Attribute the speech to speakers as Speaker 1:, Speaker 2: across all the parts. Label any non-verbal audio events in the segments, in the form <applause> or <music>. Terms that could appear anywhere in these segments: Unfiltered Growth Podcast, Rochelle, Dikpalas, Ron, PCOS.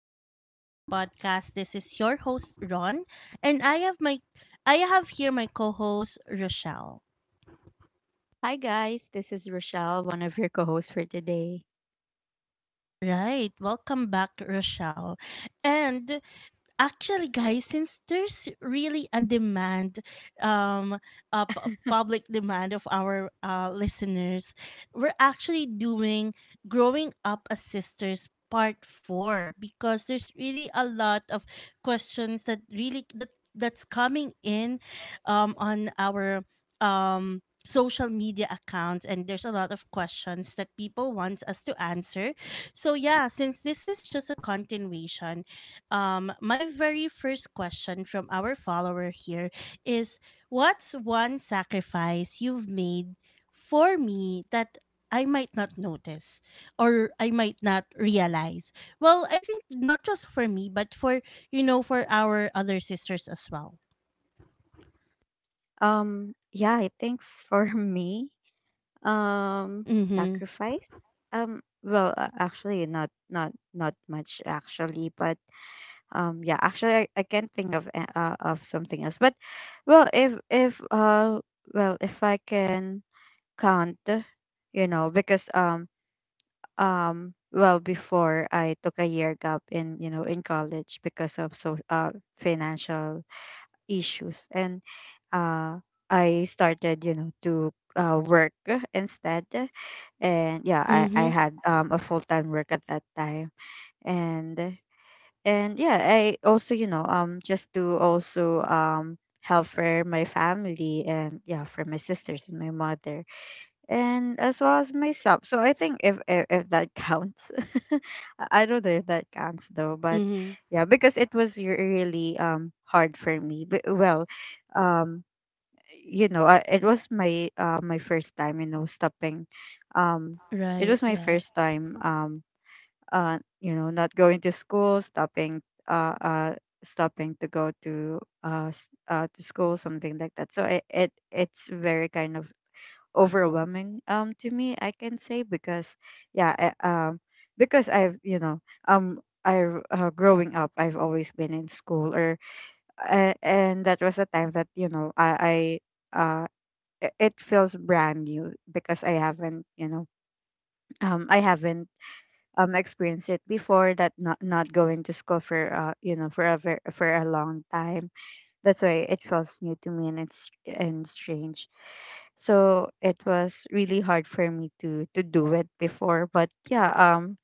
Speaker 1: Unfiltered Growth Podcast. This is your host, Ron, and I have here my co-host, Rochelle.
Speaker 2: Hi guys, this is Rochelle, one of your co-hosts for today.
Speaker 1: Right. Welcome back, Rochelle. And actually guys, since there's really a demand, um a public demand of our listeners, we're actually doing growing up as sisters part 4, because there's really a lot of questions that really that that's coming in on our um social media accounts, and there's a lot of questions that people want us to answer. So yeah, since this is just a continuation, my very first question from our follower here is, what's one sacrifice you've made for me that I might not notice or I might not realize? Well, I think not just for me, but for, you know, for our other sisters as well.
Speaker 2: Yeah, I think for <laughs> me, um,
Speaker 1: Mm hmm.
Speaker 2: sacrifice. Actually, not much actually, but yeah, actually, I can't think of of something else. But well, if well, if I can count, you know, because well before I took a year gap in you know in college because of financial issues and uh I started, you know, to work <laughs> instead. And yeah,
Speaker 1: Mm
Speaker 2: I
Speaker 1: hmm.
Speaker 2: had a full time work at that time. And and yeah, I also, you know, just to also help for my family and yeah, for my sisters and my mother and as well as myself. So I think if that counts, <laughs> I don't know if that counts though, but
Speaker 1: Mm hmm.
Speaker 2: yeah, because it was really hard for me. But, well, um, you know, it was my my first time, you know, stopping. Um, it
Speaker 1: Right.
Speaker 2: was my
Speaker 1: Yeah.
Speaker 2: first time. You know, not going to school, stopping. Uh, uh Stopping to go to to school, something like that. So it's very kind of overwhelming to me, I can say, because yeah, because I've you know, I've, growing up I've always been in school, or, and that was a time that you know i uh it feels brand new because I haven't you know, I haven't experienced it before, that not going to school for you know for a for a long time, that's why it feels new to me and it's and strange. So it was really hard for me to do it before. But yeah,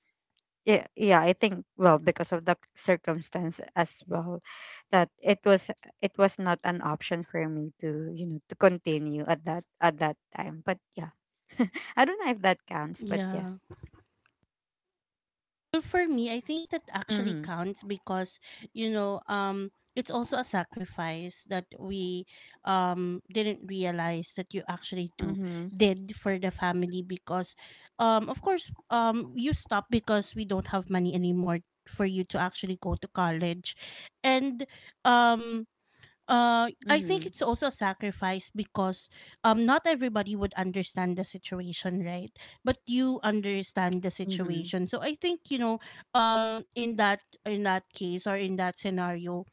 Speaker 2: yeah, yeah, I think well because of the circumstance as well that it was not an option for me to, you know, to continue at that time. But yeah. <laughs> I don't know if that counts, but yeah.
Speaker 1: Yeah. Well, for me, I think that actually
Speaker 2: Mhm.
Speaker 1: counts because, you know, it's also a sacrifice that we didn't realize that you actually do
Speaker 2: Mhm.
Speaker 1: did for the family. Because of course, you stop because we don't have money anymore for you to actually go to college. And um I think
Speaker 2: Mhm.
Speaker 1: it's also a sacrifice because not everybody would understand the situation, right? But you understand the
Speaker 2: Mhm.
Speaker 1: situation. So I think, you know, in that case, or in that scenario,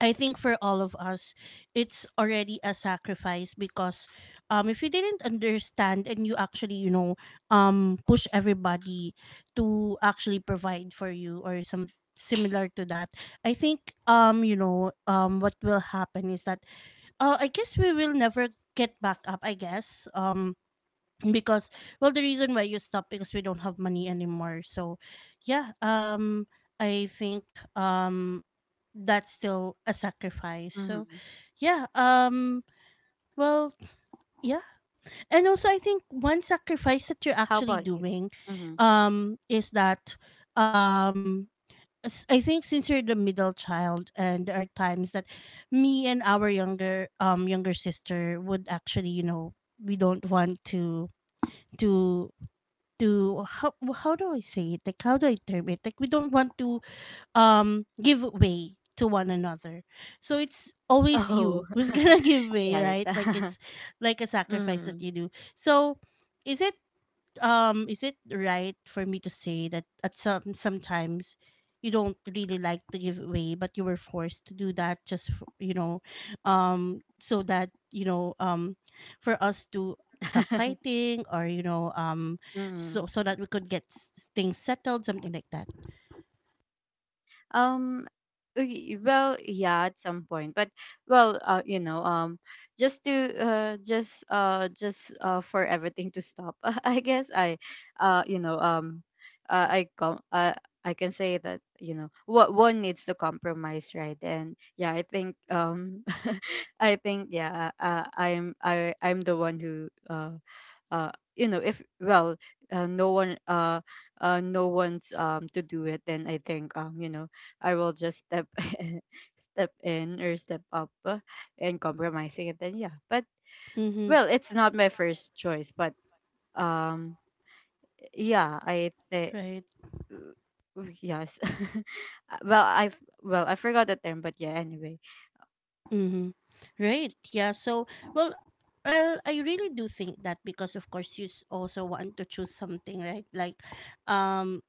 Speaker 1: I think for all of us, it's already a sacrifice. Because if you didn't understand, and you actually, you know, push everybody to actually provide for you or some similar to that, I think, you know, what will happen is that, I guess we will never get back up, I guess. Because, well, the reason why you stop because we don't have money anymore. So, yeah, I think, that's still a sacrifice. So,
Speaker 2: Mhm.
Speaker 1: yeah, well, yeah. And also I think one sacrifice that you're
Speaker 2: How
Speaker 1: actually
Speaker 2: about you?
Speaker 1: doing
Speaker 2: Mhm.
Speaker 1: is that, um I think since you're the middle child, and there are times that me and our younger younger sister would actually, you know, we don't want to to how do I say it? Like, how do I term it? Like, we don't want to give way to one another, so it's always
Speaker 2: Oh,
Speaker 1: you who's <laughs> gonna
Speaker 2: <laughs>
Speaker 1: give way,
Speaker 2: right.
Speaker 1: right? Like,
Speaker 2: <laughs>
Speaker 1: it's like a sacrifice that
Speaker 2: Mhm.
Speaker 1: you do. So, is it is it right for me to say that at sometimes you don't really like to give way, but you were forced to do that just for, you know, so that you know, for us to stop
Speaker 2: <laughs>
Speaker 1: fighting, or you know,
Speaker 2: Mm.
Speaker 1: so that we could get things settled, something like that?
Speaker 2: Um, well, yeah, at some point, but well, you know, just to just just for everything to stop, <laughs> I guess, you know, uh, I com- uh, I can say that, you know what, one needs to compromise, right? And yeah, I think, <laughs> I think yeah, I'm the one who, you know, if, well, uh, no one uh no one's to do it, then I think, you know, I will just step <laughs> step in or step up, and compromising it then, yeah. But
Speaker 1: Mm-hmm.
Speaker 2: well, it's not my first choice, but um yeah, I think.
Speaker 1: Right.
Speaker 2: Yes. <laughs> Uh, well I have well, I forgot the term, but yeah, anyway.
Speaker 1: Mm-hmm. Right. Yeah. So, well, well, I really do think that, because of course, also want to choose something, right? Like, um,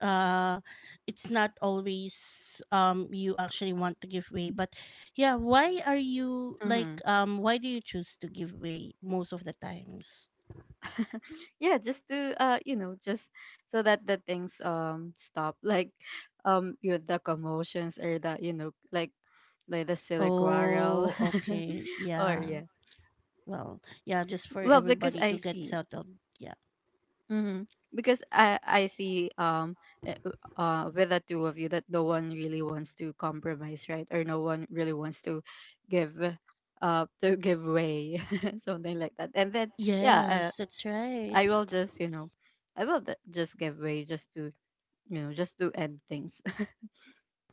Speaker 1: uh, it's not always you actually want to give way, but yeah, why are you like,
Speaker 2: Hmm.
Speaker 1: why do you choose to give way most of the times?
Speaker 2: <laughs> Yeah, just to you know, just so that the things stop, <laughs> like you know, the commotions, or the you know like the silly quarrel.
Speaker 1: Oh,
Speaker 2: <laughs>
Speaker 1: okay.
Speaker 2: Or
Speaker 1: Yeah.
Speaker 2: yeah.
Speaker 1: Well, yeah, just for
Speaker 2: Well, because
Speaker 1: everybody
Speaker 2: I
Speaker 1: to get
Speaker 2: see.
Speaker 1: settled. Yeah.
Speaker 2: Mm-hmm. Because I see uh with the two of you that no one really wants to compromise, right? Or no one really wants give to give way, <laughs> something like that. And then, yeah,
Speaker 1: Yes, that's right.
Speaker 2: I will just you know, I will just give way just to, you know, just to end things. <laughs>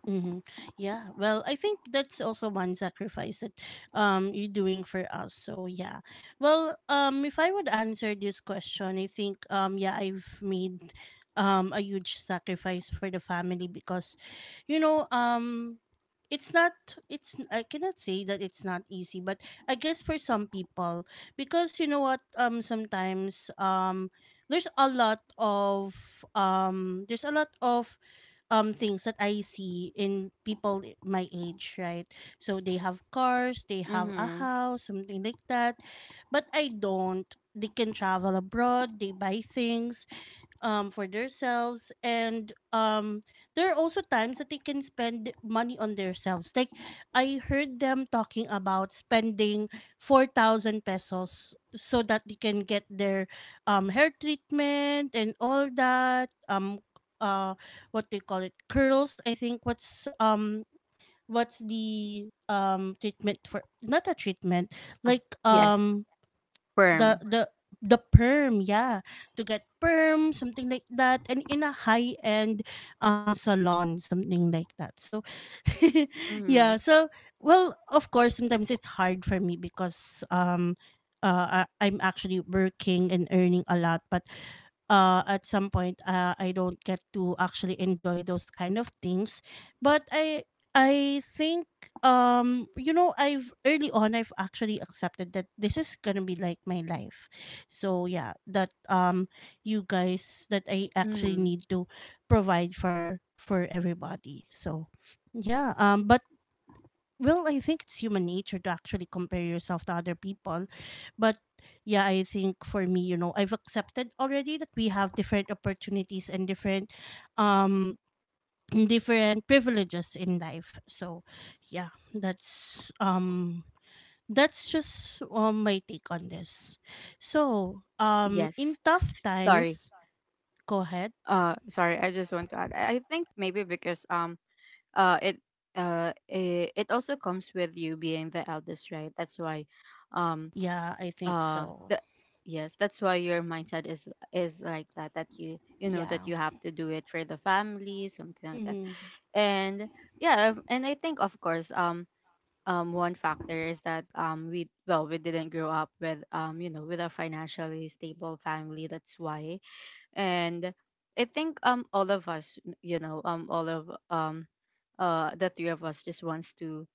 Speaker 1: Mm-hmm. Yeah. Well, I think that's also one sacrifice that you're doing for us. So yeah. Well, if I would answer this question, I think yeah, I've made a huge sacrifice for the family. Because, you know it's not, it's I cannot say that it's not easy, but I guess for some people, because you know what, sometimes there's a lot of there's a lot of things that I see in people, my age, right? So they have cars, they have a
Speaker 2: Mm-hmm.
Speaker 1: house, something like that. But I don't. They can travel abroad, they buy things, for themselves, and there are also times that they can spend money on themselves. Like, I heard them talking about spending 4,000 pesos so that they can get their hair treatment and all that. Uh what they call it, curls, I think. What's what's the treatment for, not a treatment,
Speaker 2: Uh,
Speaker 1: like
Speaker 2: yes,
Speaker 1: the
Speaker 2: firm.
Speaker 1: the the perm, yeah, to get perm, something like that, and in a high end salon, something like that. So <laughs>
Speaker 2: Mm-hmm.
Speaker 1: yeah, so well, of course sometimes it's hard for me because I'm actually working and earning a lot, but at some point I don't get to actually enjoy those kind of things. But I think you know, I've early on I've actually accepted that this is gonna be like my life, so yeah, that you guys, that I actually
Speaker 2: Mm-hmm.
Speaker 1: need to provide for everybody. So yeah, but well, I think it's human nature to actually compare yourself to other people, but yeah, I think for me, you know, I've accepted already that we have different opportunities and different um different privileges in life. So, yeah, that's um that's just my take on this. So, in
Speaker 2: Yes.
Speaker 1: tough
Speaker 2: Sorry.
Speaker 1: times, go ahead.
Speaker 2: Sorry. I just want to add. I think, maybe because, uh it it also comes with you being the eldest, right? That's why, um
Speaker 1: Yeah, I think
Speaker 2: the
Speaker 1: so.
Speaker 2: yes, that's why your mindset is like that, that you know, that
Speaker 1: Yeah.
Speaker 2: you have to do it for the family, something like that.
Speaker 1: Mhm.
Speaker 2: And yeah, and I think, of course, one factor is that, we well, we didn't grow up with, you know, with a financially stable family, that's why. And I think, all of us, you know, all of the three of us just wants to,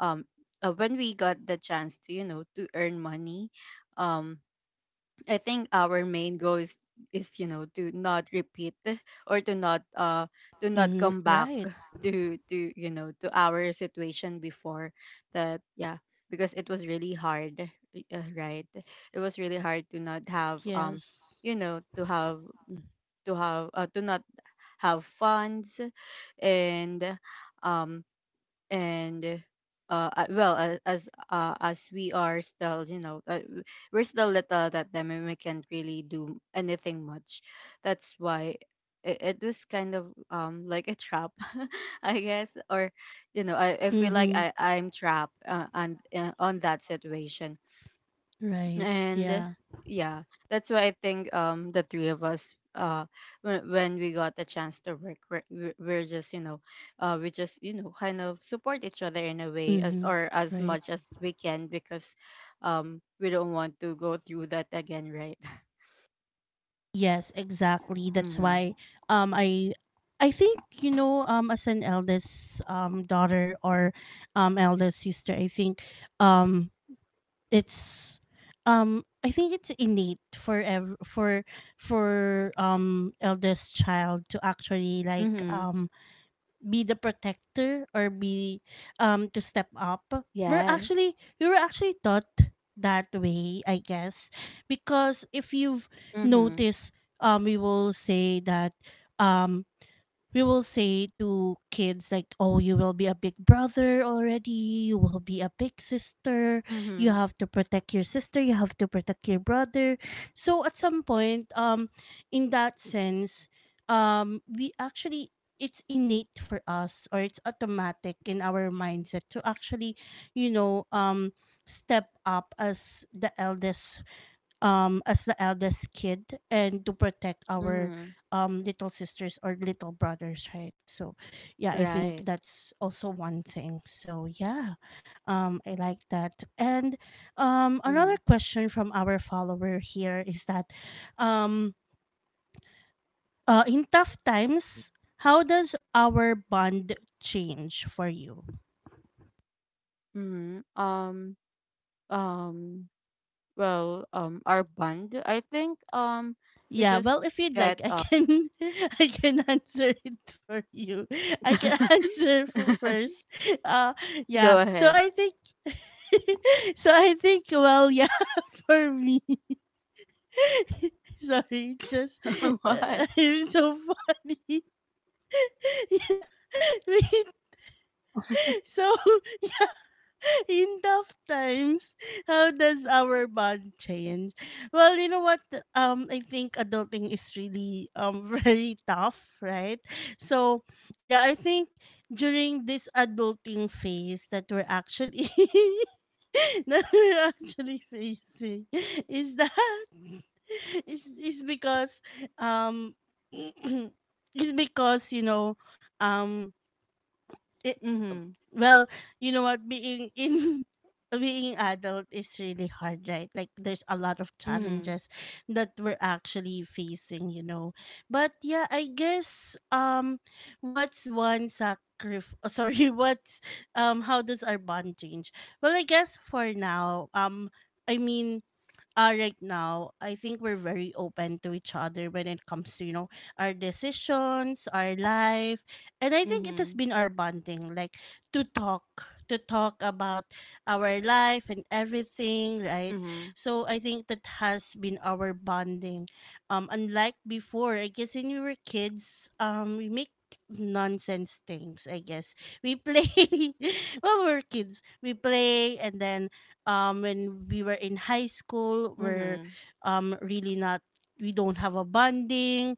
Speaker 2: um when we got the chance to, you know, to earn money, um I think our main goal is, you know, to not repeat, <laughs> or to not, to not
Speaker 1: Mhm.
Speaker 2: come back
Speaker 1: Right.
Speaker 2: <laughs> to you know, to our situation before. That, yeah, because it was really hard, right, it was really hard to not have,
Speaker 1: Yes.
Speaker 2: you know, to have, to not have funds. And um and well, as we are still, you know, we're still little that time and we can't really do anything much, that's why. It was kind of, like a trap, <laughs> I guess, or you know, I feel like
Speaker 1: Mhm.
Speaker 2: I'm trapped, on that situation.
Speaker 1: Right.
Speaker 2: And
Speaker 1: Yeah.
Speaker 2: yeah, that's why I think, the three of us, when we got the chance to work, we're just, you know, we just, you know, kind of support each other in a way, as
Speaker 1: Mhm.
Speaker 2: or as
Speaker 1: Right.
Speaker 2: much as we can, because we don't want to go through that again, right? <laughs>
Speaker 1: Yes, exactly. That's
Speaker 2: Mm-hmm.
Speaker 1: why um I I think you know, as an eldest daughter, or eldest sister, I think um it's I think it's innate for eldest child to actually like
Speaker 2: Mm-hmm.
Speaker 1: be the protector, or be to step up. We're
Speaker 2: Yes.
Speaker 1: actually, we were actually taught that way, I guess, because if you've
Speaker 2: Mm-hmm.
Speaker 1: noticed, we will say that um we will say to kids like, oh, you will be a big brother already, you will be a big sister, you
Speaker 2: Mm-hmm.
Speaker 1: have to protect your sister, you have to protect your brother. So at some point, in that sense, we actually, it's innate for us, or it's automatic in our mindset to actually, you know, step up as the eldest, as the eldest kid, and to protect our
Speaker 2: Mm-hmm.
Speaker 1: little sisters or little brothers, right? So yeah, I think
Speaker 2: Right.
Speaker 1: that's also one thing. So yeah, I like that. And another
Speaker 2: Mm-hmm.
Speaker 1: question from our follower here is that, um in tough times, how does our bond change for you?
Speaker 2: Mm-hmm. Um well, our bond, I think, we
Speaker 1: Yeah,
Speaker 2: just
Speaker 1: well, if you'd
Speaker 2: get
Speaker 1: like, I can <laughs> I can answer it for you. I can <laughs>
Speaker 2: <laughs>
Speaker 1: answer for first. Uh, yeah.
Speaker 2: go
Speaker 1: So
Speaker 2: ahead.
Speaker 1: I think, <laughs> so I think. Well, yeah, <laughs> for me. <laughs> Sorry, it's just
Speaker 2: <laughs> What?
Speaker 1: <laughs> I'm so funny. <laughs> Wait, so in tough times, how does our bond change? Well, you know what? I think adulting is really <laughs> very tough, right? So yeah, I think during this adulting phase that we're actually <laughs> that we're actually facing is that <laughs> is because um <clears throat> is because you know um it,
Speaker 2: Mhm.
Speaker 1: well, you know what? Being in <laughs> being adult is really hard, right? Like, there's a lot of
Speaker 2: Mhm.
Speaker 1: challenges that we're actually facing, you know. But yeah, I guess what's one sacrifice? <laughs> Sorry, what's how does our bond change? Well, I guess for now, I mean right now, I think we're very open to each other when it comes to, you know, our decisions, our life. And I think it has
Speaker 2: Mhm.
Speaker 1: been our bonding, like, to talk, to talk about our life and everything, right?
Speaker 2: Mhm.
Speaker 1: So I think that has been our bonding. Unlike before, I guess when we were kids, we make nonsense things, I guess, we play. <laughs> Well, we're kids, we play, and then when we were in high school, we're
Speaker 2: Mhm.
Speaker 1: really not, we don't have a bonding.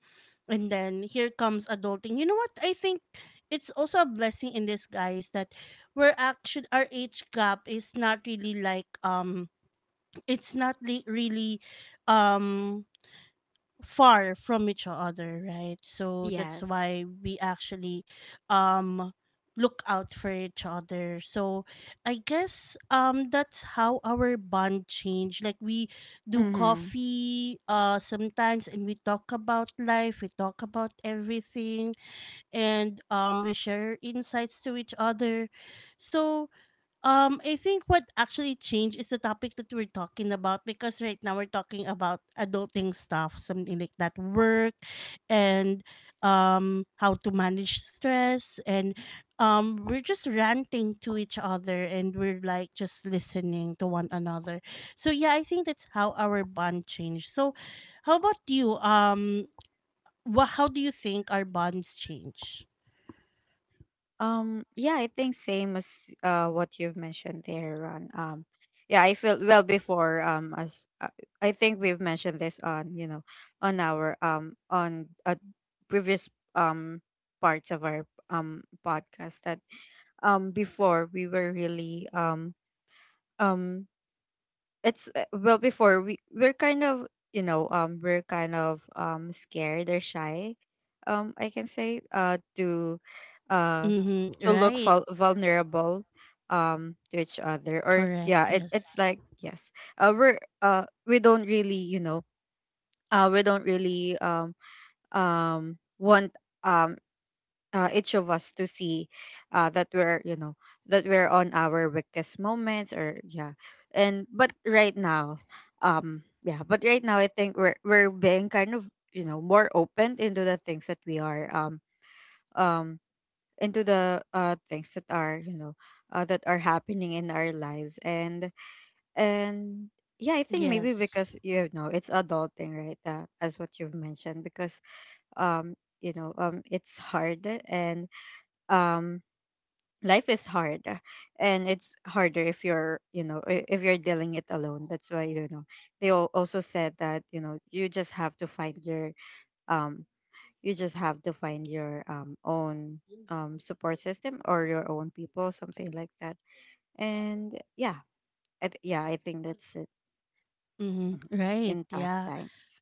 Speaker 1: And then here comes adulting. You know what, I think it's also a blessing in disguise that we're actually, our age gap is not really like, it's not really um far from each other, right? So that's
Speaker 2: Yes.
Speaker 1: why we actually um look out for each other. So I guess that's how our bond changed. Like, we do
Speaker 2: Mm-hmm.
Speaker 1: coffee sometimes, and we talk about life, we talk about everything, and we share insights to each other. So I think what actually changed is the topic that we're talking about, because right now we're talking about adulting stuff, something like that, work, and how to manage stress, and we're just ranting to each other, and we're like just listening to one another. So yeah, I think that's how our bond changed. So, how about you? Wha how do you think our bonds change?
Speaker 2: Yeah, I think same as what you've mentioned there, Ron. Yeah, I feel, well, before, as, I think we've mentioned this on, you know, on our, on, previous, um parts of our podcast, that, before, we were really, um it's well, before, we're kind of, you know, we're kind of scared or shy, I can say, to uh
Speaker 1: Mm-hmm.
Speaker 2: to look
Speaker 1: Right.
Speaker 2: vulnerable, to each other, or
Speaker 1: Correct.
Speaker 2: yeah, it,
Speaker 1: Yes.
Speaker 2: it's like, yes. We don't really, you know, we don't really, want um each of us to see, that we're, you know, that we're on our weakest moments, or yeah. And, but right now, yeah, but right now, I think we're being kind of, you know, more open into the things that we are, um into the things that are, you know, that are happening in our lives, and yeah, I think maybe
Speaker 1: Yes.
Speaker 2: because, you know, it's adulting, right? As what you've mentioned, because, um you know, it's hard, and, um life is hard, and it's harder if you're, you know, if you're dealing it alone, that's why, you know, they also said that, you know, you just have to find your, um you just have to find your, own support system, or your own people, something like that. And yeah, yeah, I think that's it.
Speaker 1: Mm-hmm.
Speaker 2: Mhm.
Speaker 1: Right.
Speaker 2: In tough
Speaker 1: Yeah.
Speaker 2: times.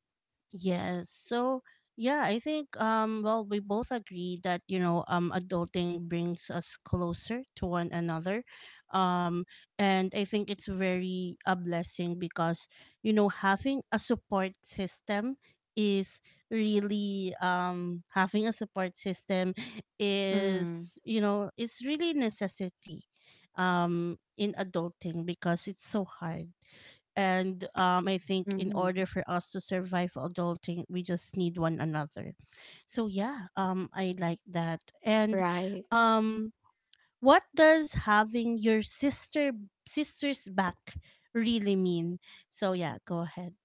Speaker 1: Yes. So yeah, I think well, we both agree that you know, adulting brings us closer to one another. Um and I think it's very a blessing because you know having a support system is really um having a support system
Speaker 2: Mm.
Speaker 1: is you know is really necessity in adulting because it's so hard and I think in order
Speaker 2: Mhm.
Speaker 1: for us to survive adulting, we just need one another. So yeah, I like that. And
Speaker 2: Right.
Speaker 1: um, what does having your sister's back really mean? So yeah, go ahead.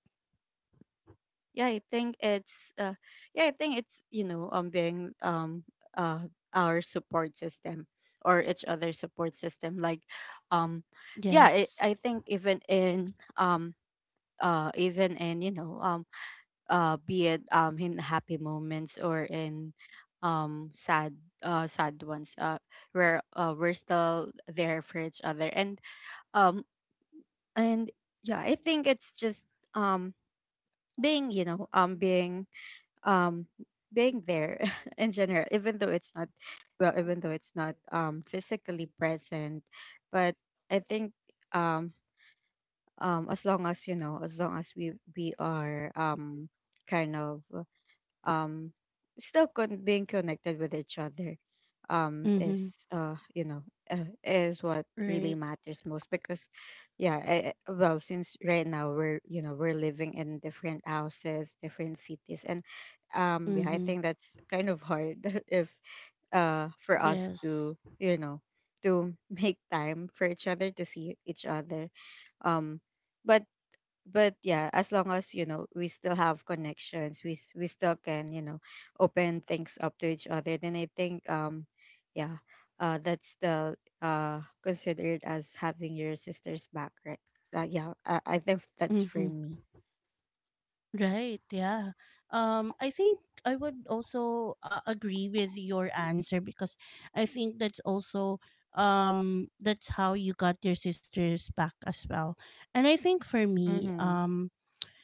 Speaker 2: Yeah, I think it's, yeah, I think it's, you know, being, uh our support system, or each other's support system, like, um yeah,
Speaker 1: Yes.
Speaker 2: I think even in, um even in, you know, be it, in happy moments or in, um sad sad ones, where, we're still there for each other, and, um and yeah, I think it's just, um being, you know, um being there, <laughs> in general, even though it's not, well, even though it's not, physically present, but I think, um as long as, you know, as long as we are, kind of, um still, being connected with each other,
Speaker 1: Mm-hmm.
Speaker 2: is, you know, is what really
Speaker 1: Right.
Speaker 2: matters most, because yeah, well, since right now, we're, you know, we're living in different houses, different cities, and, yeah, I think
Speaker 1: Mm-hmm.
Speaker 2: that's kind of hard, <laughs> if, for us to,
Speaker 1: Yes.
Speaker 2: you know, to <laughs> make time for each other, to see each other, um but yeah, as long as, you know, we still have connections, we still can, you know, open things up to each other, then I think, yeah, that's still considered as having your sister's back, right? Yeah, I think that's for
Speaker 1: Mm-hmm.
Speaker 2: me.
Speaker 1: Right, yeah. I think I would also agree with your answer because I think that's also that's how you got your sisters back as well. And I think for me,
Speaker 2: Mm-hmm.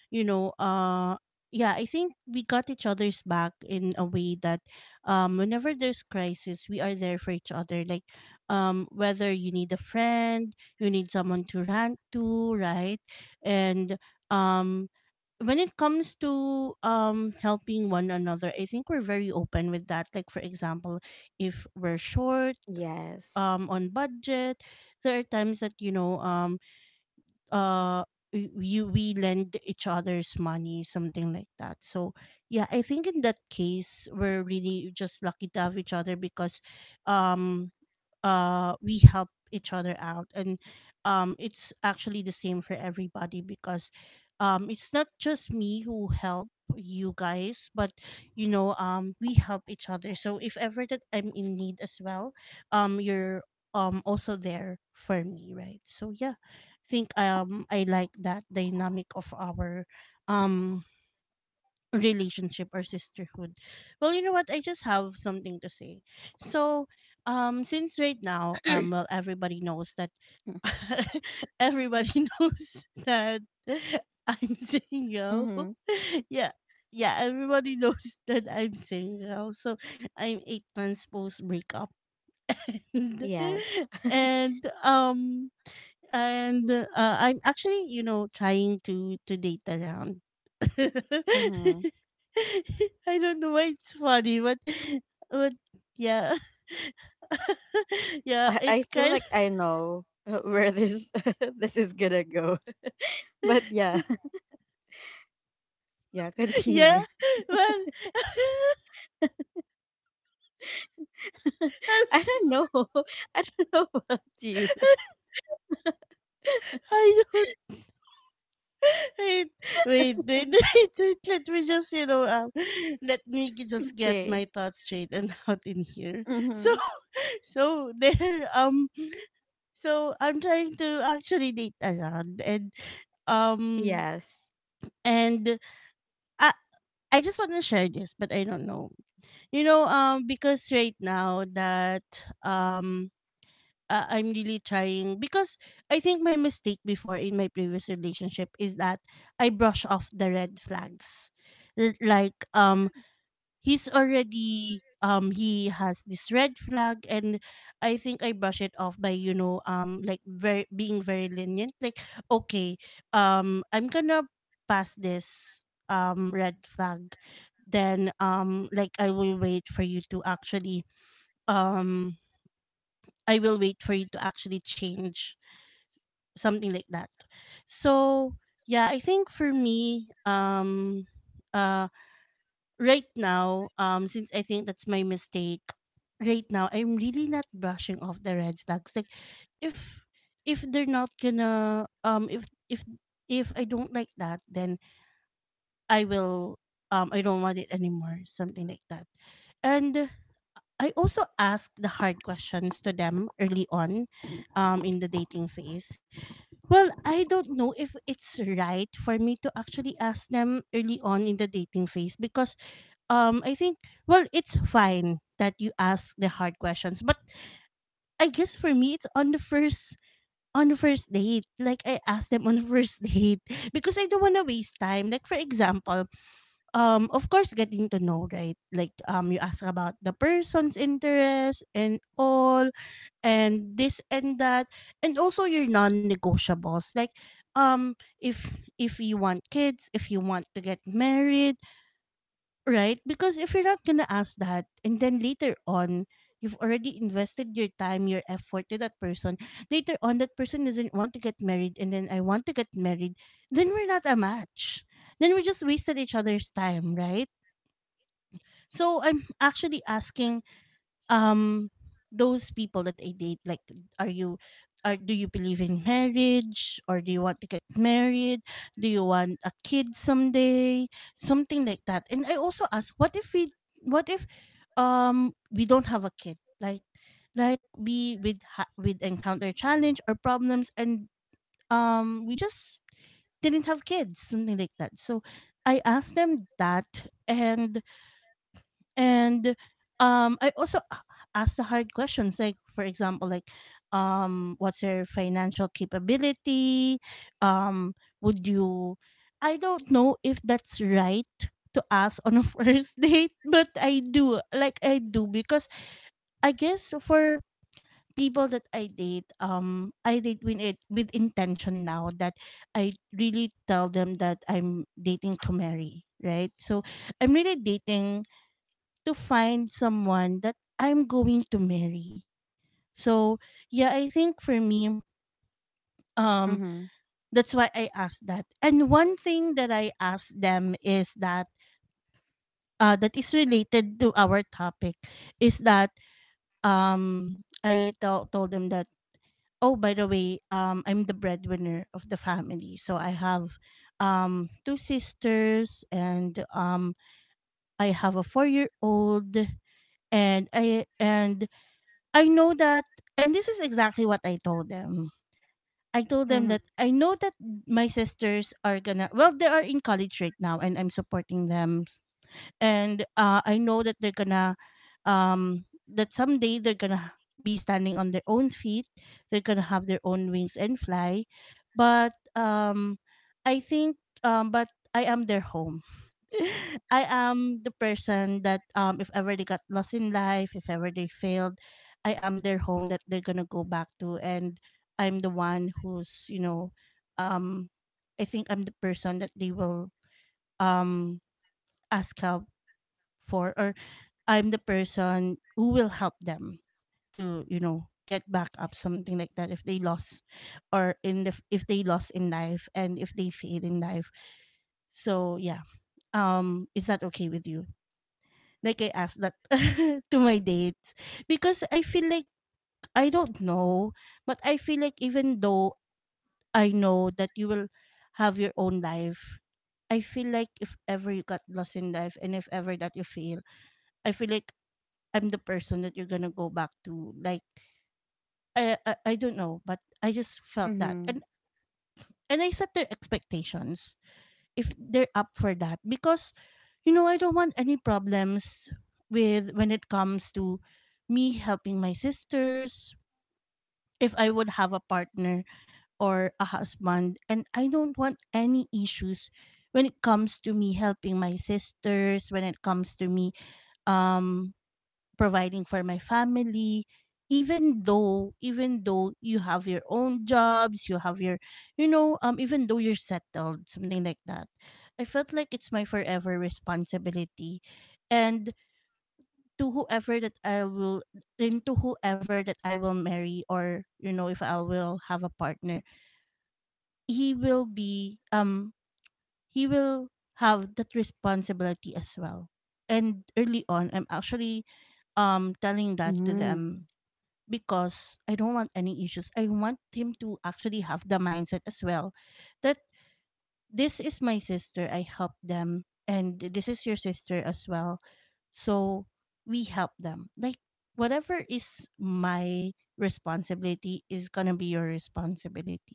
Speaker 1: you know, uh yeah, I think we got each other's back in a way that whenever there's crisis, we are there for each other. Like whether you need a friend, you need someone to rant to, right? And um when it comes to helping one another, I think we're very open with that, like for example, if we're short
Speaker 2: Yes.
Speaker 1: on budget, there are times that you know uh you we lend each other's money, something like that. So yeah, I think in that case we're really just lucky to have each other because um we help each other out, and it's actually the same for everybody because it's not just me who help you guys, but you know we help each other, so if ever that I'm in need as well, you're also there for me, right? So yeah, I think I like that dynamic of our um relationship or sisterhood. Well, you know what? I just have something to say. So, since right now,
Speaker 2: <clears throat>
Speaker 1: well, everybody knows that,
Speaker 2: Mm-hmm.
Speaker 1: <laughs> everybody <laughs> knows that I'm single. <laughs> Yeah. Yeah, everybody knows <laughs> that I'm single. So I'm 8 months post breakup. <laughs> And,
Speaker 2: Yes.
Speaker 1: and um I'm actually, you know, trying to date around. <laughs>
Speaker 2: Mm-hmm.
Speaker 1: I don't know why it's funny, but but yeah. <laughs> Yeah,
Speaker 2: I
Speaker 1: it's
Speaker 2: feel
Speaker 1: kind of
Speaker 2: like I know, where this <laughs> this is gonna go, <laughs> but yeah. <laughs> Yeah,
Speaker 1: <laughs> yeah.
Speaker 2: continue.
Speaker 1: Well, <laughs>
Speaker 2: <laughs>
Speaker 1: I'm
Speaker 2: I
Speaker 1: so
Speaker 2: don't know.
Speaker 1: sorry.
Speaker 2: <laughs> I don't know <laughs> about you.
Speaker 1: <laughs> I don't <laughs> wait, wait, wait, <laughs> wait, wait. Let me just you know <laughs> let me just get
Speaker 2: Okay.
Speaker 1: my thoughts straight and <laughs> out in here. So
Speaker 2: Mm-hmm.
Speaker 1: <laughs> so there um so I'm trying to actually date around, and um
Speaker 2: Yes.
Speaker 1: and I just want to share this, but I don't know. You know, because right now that um, I'm really trying because I think my mistake before in my previous relationship is that I brush off the red flags, R- like um, he's already he has this red flag, and I think I brush it off by you know like very being very lenient, like okay, I'm gonna pass this red flag, then like I will wait for you to actually um I will wait for you to actually change, something like that. So yeah, I think for me uh right now, since I think that's my mistake, right now I'm really not brushing off the red flags. Like, if they're not gonna if I don't like that, then I will I don't want it anymore, something like that. And I also ask the hard questions to them early on, in the dating phase. Well, I don't know if it's right for me to actually ask them early on in the dating phase because I think, well, it's fine that you ask the hard questions, but I guess for me it's on the first date, like I asked them on the first <laughs> date because I don't want to waste time, like for example, of course getting to know, right? Like you ask about the person's interest and all and this and that, and also your non-negotiables, like if you want kids, if you want to get married. Right? Because if you're not gonna ask that, and then later on, you've already invested your time, your effort to that person. Later on, that person doesn't want to get married, and then I want to get married. Then we're not a match. Then we just wasted each other's time, right? So I'm actually asking um those people that I date, like are you are do you believe in marriage, or do you want to get married, do you want a kid someday, something like that. And I also ask, what if we don't have a kid, like we with ha- with encounter challenge or problems, and we just didn't have kids, something like that. So I asked them that, and and I also ask the hard questions, like for example like what's your financial capability, um would you, I don't know if that's right to ask on a <laughs> first date, but I do, like I do, because I guess for people that I date, I date with it with intention now, that I really tell them that I'm dating to marry, right? So I'm really dating to find someone that I'm going to marry. So, yeah, I think for me, um,
Speaker 2: Mm-hmm.
Speaker 1: that's why I asked that. And one thing that I asked them is that that is related to our topic is that I tell told them that, oh by the way, I'm the breadwinner of the family, so I have two sisters and I have a 4 year old, and I know that, and this is exactly what I told them. I told them
Speaker 2: Mm-hmm.
Speaker 1: that I know that my sisters are gonna, well, they are in college right now and I'm supporting them. And I know that they're gonna that someday they're gonna be standing on their own feet. They're gonna have their own wings and fly. But I think but I am their home, I am the person that if ever they got lost in life, if ever they failed, I am their home that they're gonna go back to, and I'm the one who's, you know, um I think I'm the person that they will um ask help for, or I'm the person who will help them to, you know, get back up, something like that, if they lost, if they lost in life and if they fail in life. So yeah. Is that okay with you? Like I asked that <laughs> to my dates because I feel like, I don't know, but I feel like, even though I know that you will have your own life, I feel like if ever you got lost in life and if ever that you fail, I feel like I'm the person that you're gonna go back to. Like I don't know, but I just felt that,
Speaker 2: Mm-hmm.
Speaker 1: and I set the expectations if they're up for that because you know I don't want any problems with, when it comes to me helping my sisters, if I would have a partner or a husband, and I don't want any issues when it comes to me helping my sisters, when it comes to me um providing for my family, even though you have your own jobs, you have your, you know even though you're settled, something like that, I felt like it's my forever responsibility, and to whoever that i will to whoever that I will marry, or you know, if I will have a partner, he will be he will have that responsibility as well. And early on, I'm actually telling that to
Speaker 2: Mm-hmm.
Speaker 1: them because I don't want any issues. I want him to actually have the mindset as well that this is my sister, I help them, and this is your sister as well. So we help them. Like whatever is my responsibility is gonna be your responsibility.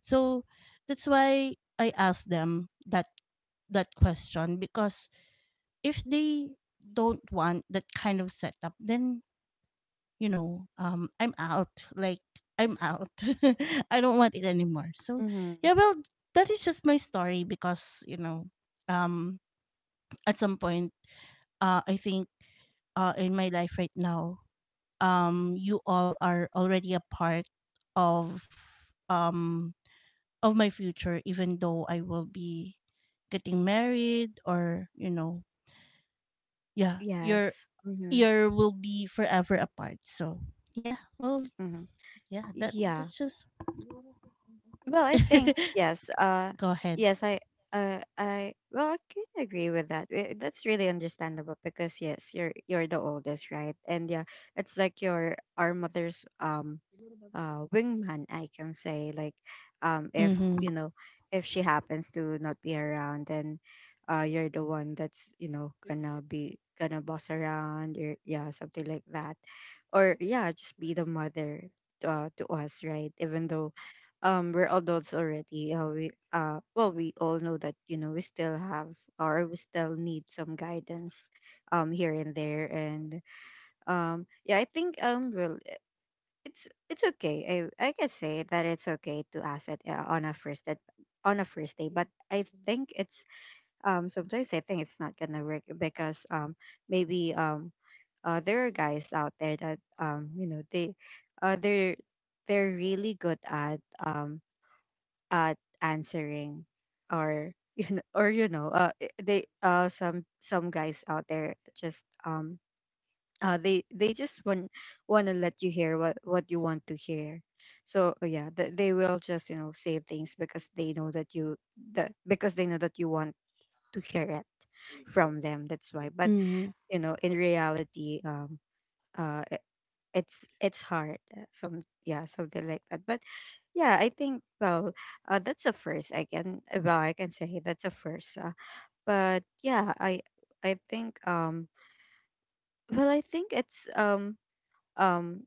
Speaker 1: So that's why I asked them that question, because if they don't want that kind of setup, then you know, I'm out. Like, I'm out. <laughs> I don't want it anymore. So,
Speaker 2: Mm-hmm.
Speaker 1: yeah, well, that is just my story because, you know, um, at some point, I think in my life right now, you all are already a part of um of my future, even though I will be getting married, or you know, yeah, your
Speaker 2: Yes. Mm-hmm.
Speaker 1: ear will be forever apart. So yeah, well,
Speaker 2: Mm-hmm.
Speaker 1: yeah,
Speaker 2: Yeah.
Speaker 1: that's just
Speaker 2: Well, I think, yes.
Speaker 1: <laughs> Go ahead.
Speaker 2: Yes, I. Well, I can agree with that. Eh, that's really understandable, because yes, you're the oldest, right? And yeah, it's like your our mother's wingman. I can say, like, if
Speaker 1: Mm-hmm.
Speaker 2: you know, if she happens to not be around, then, you're the one that's you know gonna be gonna boss around. You're, yeah, something like that, or yeah, just be the mother, to us, right? Even though we're adults already. Uh, we uh well we all know that you know we still have or we still need some guidance, here and there. And Yeah, I think, well, it's okay. I can say that it's okay to ask it, on a first date, on a first day, but I think it's, sometimes I think it's not gonna work because maybe there are guys out there that, um, you know, they uh they're they're really good at answering or <laughs> you know, or you know, I- they some guys out there just, they just want to let you hear what you want to hear. So, yeah, they will just, you know, say things because they know that you, that because they know that you want to hear it from them. That's why. But
Speaker 1: Mm-hmm.
Speaker 2: you know, in reality, uh it's hard. Some, yeah, something like that, but yeah, I think, well, that's a first. I can, well, I can say that's a first. But yeah, I think, well, I think it's, um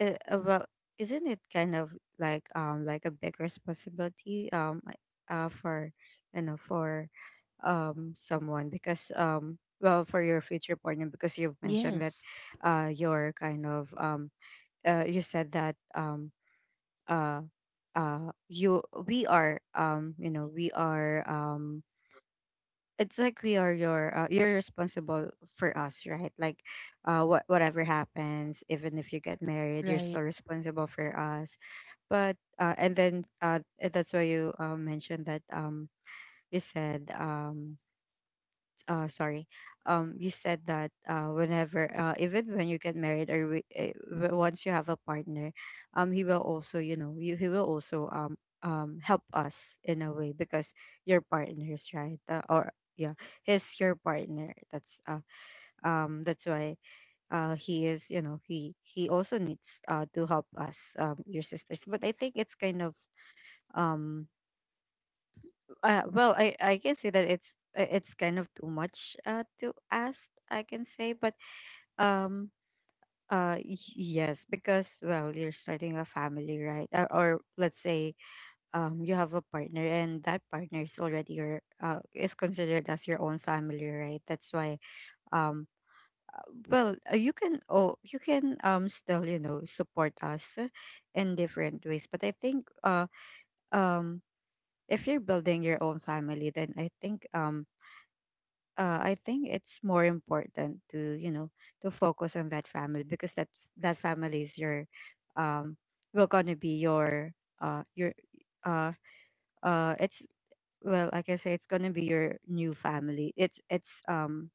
Speaker 2: well, isn't it kind of like, um, like a big responsibility, for, you know, for, um, someone. Because, um, well, for your future partner, because you've mentioned that,
Speaker 1: Yes.
Speaker 2: you're kind of, you said that, um. uh you, we are, um, you know, we are, um, it's like we are your, you're responsible for us, right? Like, whatever happens, even if you get married, you're still
Speaker 1: Right.
Speaker 2: responsible for us. But, and then that's why you, mentioned that, um, you said, sorry you said that, whenever, even when you get married, or wi- eh, w- once you have a partner, he will also, you know, he will also, um, help us in a way. Because your partner's right, or yeah, he's your partner. That's, that's why, he is, you know, he also needs, to help us, um, your sisters. But I think it's kind of, um well, I can say that it's, it's kind of too much, to ask, I can say. But, um y- yes, because, well, you're starting a family, right? Or let's say, um, you have a partner, and that partner is already your, is considered as your own family, right? That's why, um, well, you can, you can, um, still, you know, support us, in different ways. But I think, um if you're building your own family, then I think, I think it's more important to, you know, to focus on that family, because that, that family is your, um will gonna be your, your uh it's well like I say, it's gonna be your new family. It's um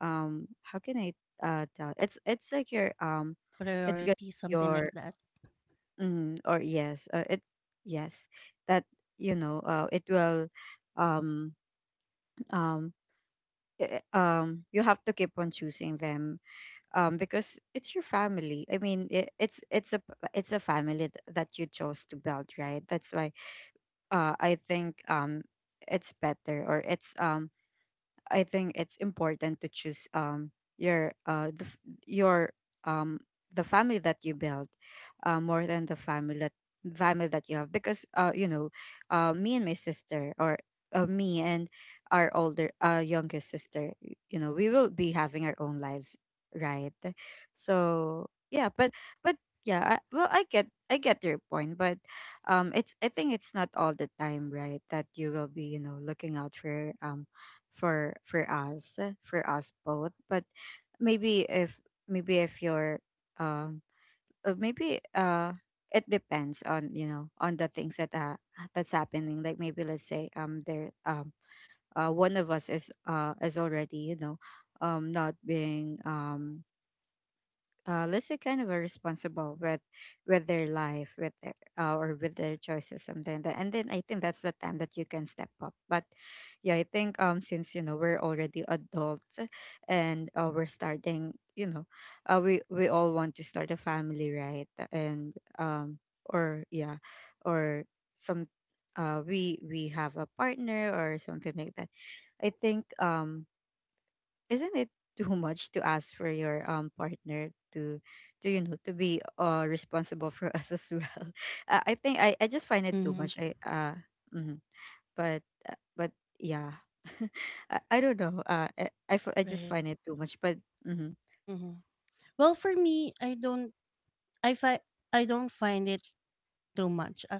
Speaker 2: um how can I, tell, it's like your, um, it's gonna
Speaker 1: Priority,
Speaker 2: be
Speaker 1: something
Speaker 2: your,
Speaker 1: like that.
Speaker 2: mm, or yes, it's yes, that, you know, it will, um um um, you have to keep on choosing them. Um, because it's your family. I mean, it's a, it's a family that you chose to build, right? That's why, I think, it's better, or it's, I think it's important to choose, your the, f- your um the family that you build, more than the family that, family that you have. Because, you know, me and my sister, or, me and our older, youngest sister, you know, we will be having our own lives, right? So yeah, but yeah, well, I get your point. But, um, it's, I think it's not all the time, right, that you will be, you know, looking out for, um, for us, for us both. But maybe if, maybe if you're, um maybe it depends on, you know, on the things that, that's happening. Like, maybe let's say, there one of us is, is already, you know, um, not being, um, let's say, kind of a responsible with their life, with their, or with their choices, something like that. And then I think that's the time that you can step up. But yeah, I think, um, since, you know, we're already adults, and we're starting, you know, we all want to start a family, right? And, um, or yeah, or some, we have a partner or something like that. I think, um, isn't it too much to ask for your, um, partner to, you know, to be, uh, responsible for <laughs> us as well? <laughs> I think I just find it too
Speaker 1: Mm-hmm.
Speaker 2: much. I Mhm. But, but yeah. <laughs> I don't know. I just
Speaker 1: Right.
Speaker 2: find it too much. But mm-hmm,
Speaker 1: Mm-hmm. Well, for me, I don't. I fi- I don't find it too much.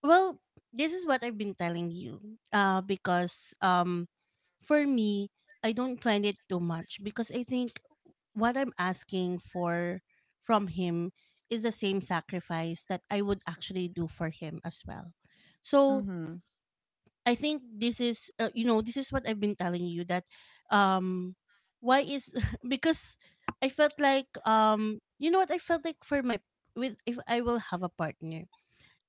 Speaker 1: Well, this is what I've been telling you. Because for me, I don't find it too much because I think what I'm asking for from him is the same sacrifice that I would actually do for him as well. So
Speaker 2: mm-hmm,
Speaker 1: I think this is this is what I've been telling you that um why is <laughs> because I felt like you know what I felt like for my with if I will have a partner,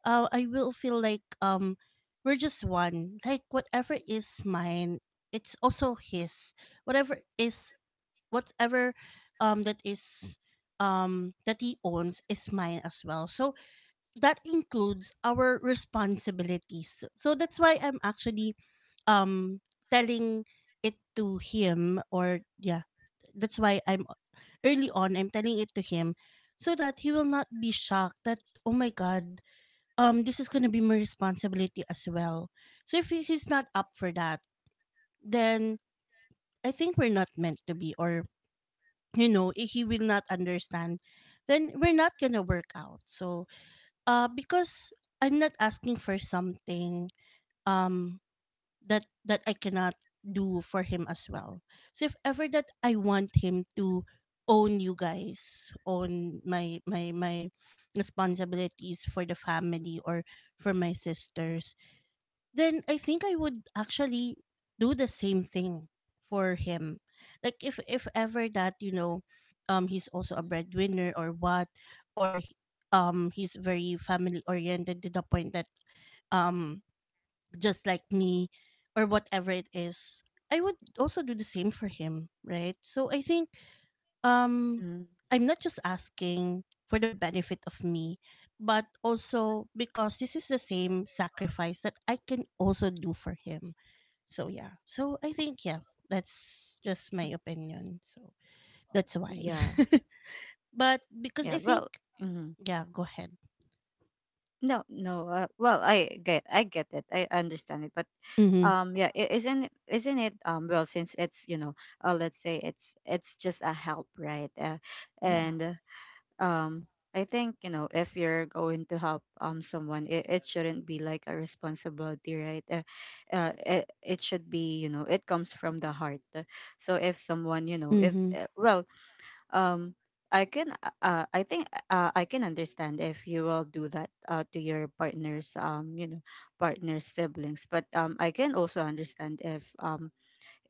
Speaker 1: I will feel like we're just one, like whatever is mine, it's also his. Whatever is whatever that is that he owns is mine as well. So that includes our responsibilities, so that's why I'm actually um telling it to him. Or yeah, that's why I'm early on I'm telling it to him, so that he will not be shocked that, oh my god, this is going to be my responsibility as well. So if he's not up for that, then I think we're not meant to be. Or you know, if he will not understand, then we're not going to work out. So because I'm not asking for something um that I cannot do for him as well. So if ever that I want him to own you guys, own my responsibilities for the family or for my sisters, then I think I would actually do the same thing for him. Like if ever that, you know, he's also a breadwinner or what, or he's very family oriented, to the point that um just like me, or whatever it is, I would also do the same for him, right? So I think um
Speaker 2: mm.
Speaker 1: I'm not just asking for the benefit of me, but also because this is the same sacrifice that I can also do for him. So yeah, so I think, yeah, that's just my opinion. So that's why
Speaker 2: Yeah,
Speaker 1: <laughs> but because
Speaker 2: yeah.
Speaker 1: I think
Speaker 2: Well, mm-hmm.
Speaker 1: yeah, go ahead.
Speaker 2: No, no. Well, I get it. I understand it. But,
Speaker 1: Mm-hmm.
Speaker 2: um, yeah, isn't it, um, well, since it's, you know, let's say it's just a help, right?
Speaker 1: Yeah.
Speaker 2: And um I think, you know, if you're going to help, um, someone, it shouldn't be like a responsibility, right? It, it should be, you know, it comes from the heart. So if someone, you know, if
Speaker 1: Mm-hmm.
Speaker 2: well um I can, I think, I can understand if you will do that, to your partner's, um, you know, partner's siblings. But, um, I can also understand if, um,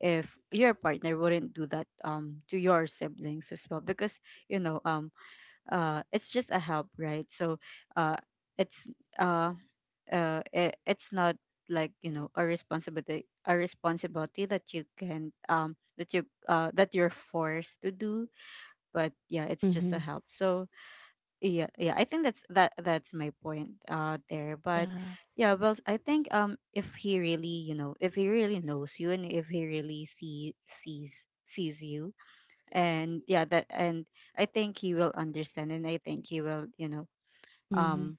Speaker 2: if your partner wouldn't do that, um, to your siblings as well. Because, you know, um, it's just a help, right? So uh it's uh uh it, it's not like, you know, a responsibility, a responsibility that you can, um, that you, that you're forced to do. But yeah, it's just a
Speaker 1: Mm-hmm.
Speaker 2: help. So yeah, yeah, I think that's, that's my point, there. But
Speaker 1: Yeah.
Speaker 2: yeah, well, I think, um, if he really, you know, if he really knows you, and if he really, sees you, and yeah, that and I think he will understand, and I think he will, you know,
Speaker 1: Mm-hmm.
Speaker 2: um,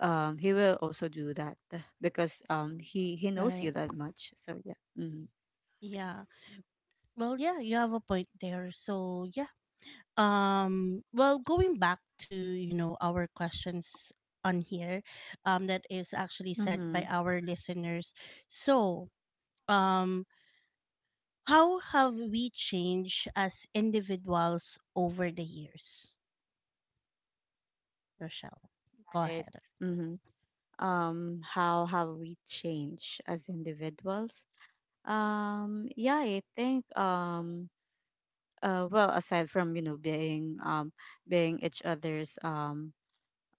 Speaker 2: he will also do that, because, um, he knows
Speaker 1: Right.
Speaker 2: you that much. So yeah, mm-hmm.
Speaker 1: Yeah. Well, yeah, you have a point there. So, yeah. Well, going back to, you know, our questions on here, that is actually sent
Speaker 2: Mm-hmm.
Speaker 1: by our listeners. So, um, how have we changed as individuals over the years? Rochelle. Go
Speaker 2: Right.
Speaker 1: ahead.
Speaker 2: Mm-hmm. Um, how have we changed as individuals? Yeah, I think, um, well, aside from, you know, being, um, being each other's,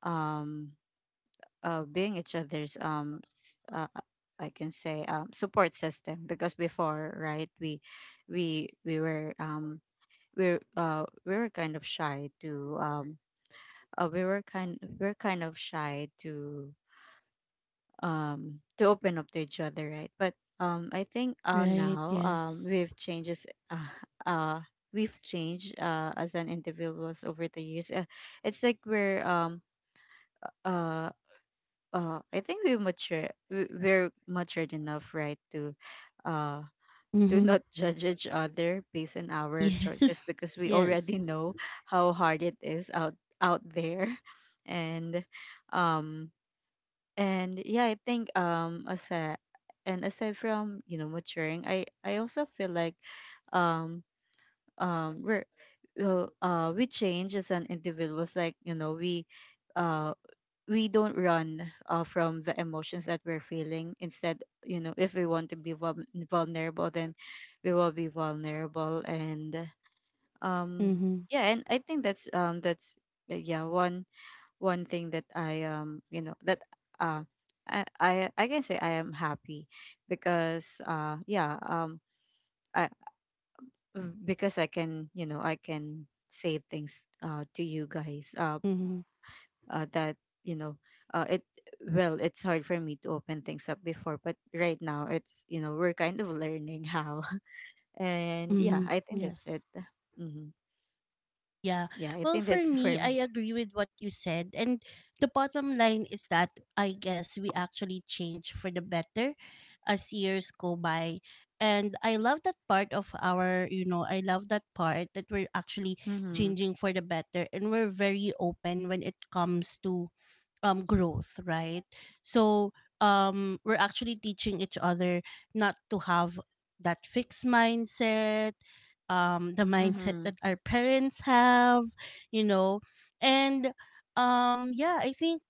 Speaker 2: um being each other's, I can say, um, support system. Because before, right, we were, we were kind of shy to, we were kind of shy to, um, to open up to each other, right? But, um, I think, uh,
Speaker 1: Right,
Speaker 2: now, um,
Speaker 1: yes.
Speaker 2: we've changes, <laughs> uh, we've changed, as an individuals over the years. It's like we're, uh I think we mature, we're matured enough, right, to, uh, to <laughs>
Speaker 1: Mm-hmm.
Speaker 2: not judge each other based on our choices,
Speaker 1: Yes.
Speaker 2: because
Speaker 1: <laughs>
Speaker 2: we
Speaker 1: Yes.
Speaker 2: already know how hard it is out, out there. <laughs> And, um, and yeah, I think, um, aside, and aside from, you know, maturing, I also feel like, um um we're we change as an individuals. Like, you know, uh we don't run, from the emotions that we're feeling. Instead, you know, if we want to be vulnerable, then we will be vulnerable. And, um,
Speaker 1: Mm-hmm.
Speaker 2: yeah, and I think that's, um, that's, yeah, one thing that I, um, you know, that, uh I can say I am happy. Because, yeah, um, I mm, because I can, you know, I can say things, to you guys,
Speaker 1: Mm-hmm.
Speaker 2: that, you know, it well, it's hard for me to open things up before, but right now it's, you know, we're kind of learning how. <laughs> And yeah,
Speaker 1: Mm-hmm.
Speaker 2: I think that's
Speaker 1: Yes.
Speaker 2: it. Hmm.
Speaker 1: Yeah.
Speaker 2: Yeah, I
Speaker 1: Well,
Speaker 2: think
Speaker 1: for
Speaker 2: that's <laughs>
Speaker 1: me,
Speaker 2: for me.
Speaker 1: I agree with what you said. And the bottom line is that I guess we actually change for the better as years go by. And I love that part of our, you know, I love that part that we're actually
Speaker 2: Mm-hmm.
Speaker 1: changing for the better, and we're very open when it comes to growth, right? So we're actually teaching each other not to have that fixed mindset, the mindset
Speaker 2: Mm-hmm.
Speaker 1: that our parents have, you know. And yeah, I think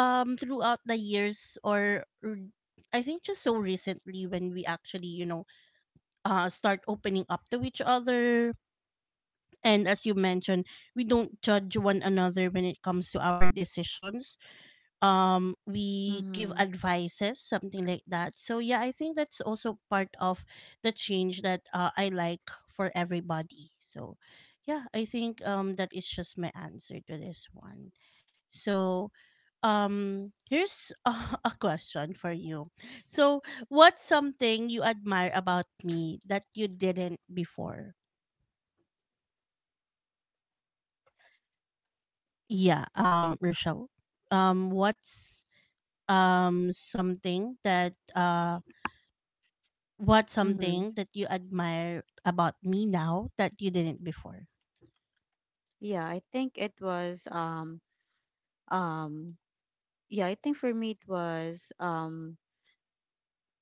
Speaker 1: throughout the years, or I think just so recently, when we actually, you know, start opening up to each other. And as you mentioned, we don't judge one another when it comes to our decisions. We give
Speaker 2: Mm-hmm.
Speaker 1: advices, something like that. So yeah, I think that's also part of the change that I like for everybody. So yeah, I think that is just my answer to this one. So here's <laughs> a question for you. So what's something you admire about me that you didn't before? Yeah, Rochelle. What's something that what's
Speaker 2: Mm-hmm.
Speaker 1: something that you admire about me now that you didn't before?
Speaker 2: Yeah, I think it was, um, yeah, I think for me it was, um,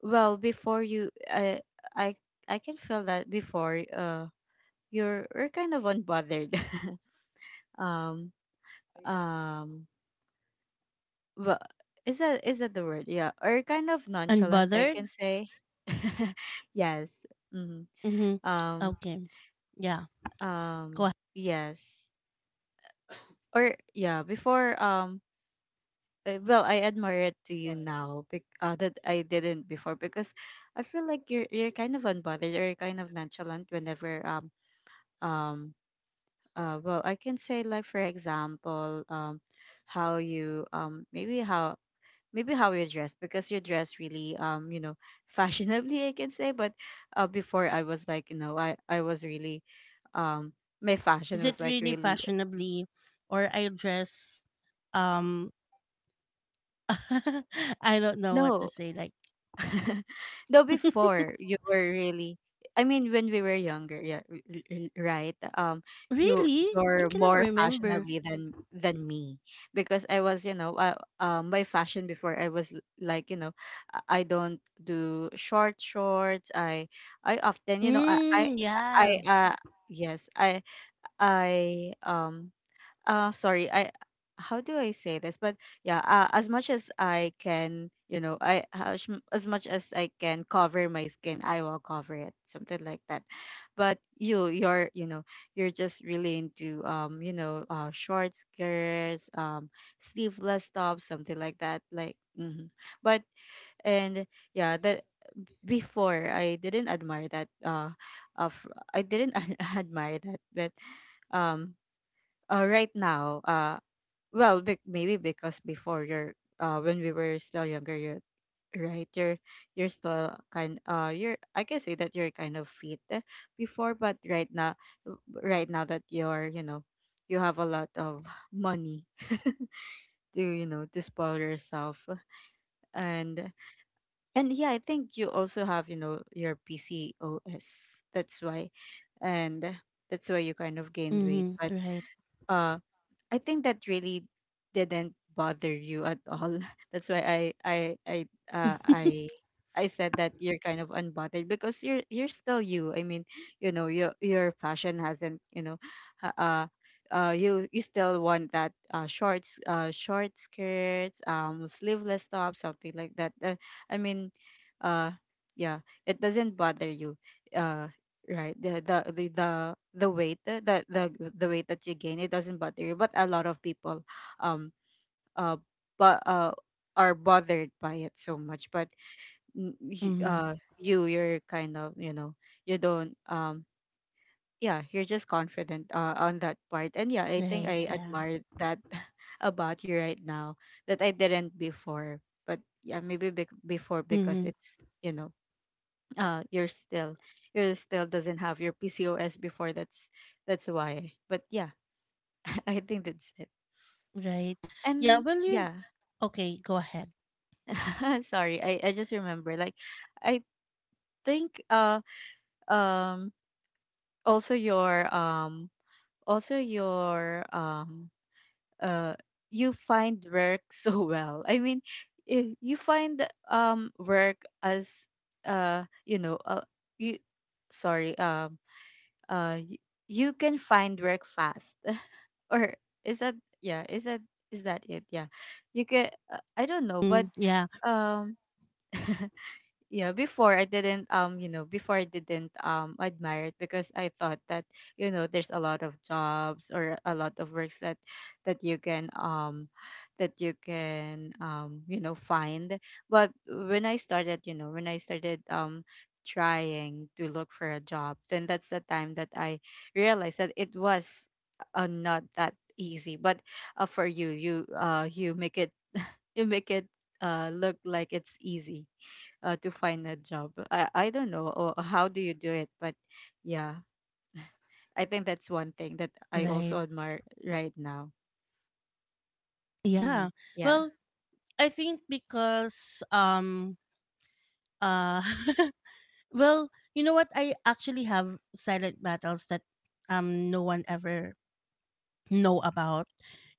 Speaker 2: well, before, you I I can feel that before, you're kind of unbothered. <laughs> um um but is that, is that the word? Yeah, or kind of nonchalant, I
Speaker 1: Unbothered?
Speaker 2: can say. <laughs> Yes. Mm-hmm.
Speaker 1: Mm-hmm.
Speaker 2: Um
Speaker 1: Okay. Yeah. Go
Speaker 2: um
Speaker 1: ahead.
Speaker 2: yes. Or yeah, before Well, I admire it to you now that I didn't before because I feel like you're kind of unbothered or you're kind of nonchalant whenever um well, I can say like for example how you maybe how you dress, because you dress really you know, <laughs> fashionably I can say. But before I was like, you know, I was really, um my fashion
Speaker 1: Is
Speaker 2: was
Speaker 1: it
Speaker 2: like
Speaker 1: really
Speaker 2: really,
Speaker 1: fashionably, or I dress um <laughs> I don't know what to
Speaker 2: no.
Speaker 1: say, like
Speaker 2: <laughs> Though before
Speaker 1: <laughs>
Speaker 2: you were really, I mean, when we were younger, yeah, right. You
Speaker 1: Really? I
Speaker 2: you're
Speaker 1: cannot
Speaker 2: more
Speaker 1: remember.
Speaker 2: fashionably than me, because I was, you know, my fashion before I was like, you know, I don't do short shorts. I often, you know,
Speaker 1: Mm,
Speaker 2: I
Speaker 1: yeah.
Speaker 2: yes, I um I, how do I say this? But yeah, as much as I can, you know, as much as I can cover my skin, I will cover it, something like that. But you, you're, you know, you're just really into you know, short skirts, sleeveless tops, something like that, like, mhm. but and Yeah, that, before I didn't admire that, of I didn't <laughs> admire that. But um uh, right now, well, maybe because before, you're when we were still younger, you're, right, you're still kind you're, I can say that you're kind of fit, eh, before, but right now, right now that you're, you know, you have a lot of <laughs> money to, you know, to spoil yourself. And and yeah, I think you also have, you know, your PCOS. That's why, and that's why you kind of gained weight.
Speaker 1: Mm-hmm.
Speaker 2: but
Speaker 1: Right.
Speaker 2: uh I think that really didn't bother you at all. <laughs> That's why I uh, I I said that you're kind of unbothered, because you're still you. I mean, you know, your fashion hasn't, you know, ha- uh you, you still want that shorts, short skirts, sleeveless top, something like that. I mean, uh yeah, it doesn't bother you. Uh right, the weight uh, the, the the weight that you gain, it doesn't bother you, but a lot of people, um uh but are bothered by it so much. but n- y-
Speaker 1: Mm-hmm.
Speaker 2: uh you, you're kind of, you know, you don't yeah, you're just confident on that part. And yeah, I think
Speaker 1: Right.
Speaker 2: I
Speaker 1: Yeah.
Speaker 2: admire that <laughs> about you right now, that I didn't before. But yeah, maybe bec before,
Speaker 1: Mm-hmm.
Speaker 2: because it's, you know, you're still, you're still doesn't have your PCOS before. That's why. But yeah, <laughs> I think that's it.
Speaker 1: Right. Yeah.
Speaker 2: And
Speaker 1: Well, you.
Speaker 2: yeah.
Speaker 1: Okay. Go ahead.
Speaker 2: <laughs> Sorry, I just remember, like, I think um also your also your um uh you find work <laughs> so well. I mean, you find work as, you know, you sorry um uh y- you can find work fast. Or is that, yeah, is that, is that it? Yeah, you could, I don't know.
Speaker 1: Mm,
Speaker 2: but
Speaker 1: yeah.
Speaker 2: um <laughs> yeah, before I didn't you know, before I didn't admire it, because I thought that, you know, there's a lot of jobs or a lot of works that, you can, that you can, you know, find. But when I started, you know, when I started trying to look for a job, then that's the time that I realized that it was, not that easy. But for you, you make it, you make it look like it's easy, to find a job. I don't know or how do you do it, but yeah, I think that's one thing that I
Speaker 1: Right.
Speaker 2: also admire right now. Mm-hmm.
Speaker 1: Yeah.
Speaker 2: Yeah.
Speaker 1: Well, I think because uh <laughs> well you know what, I actually have silent battles that no one ever know about,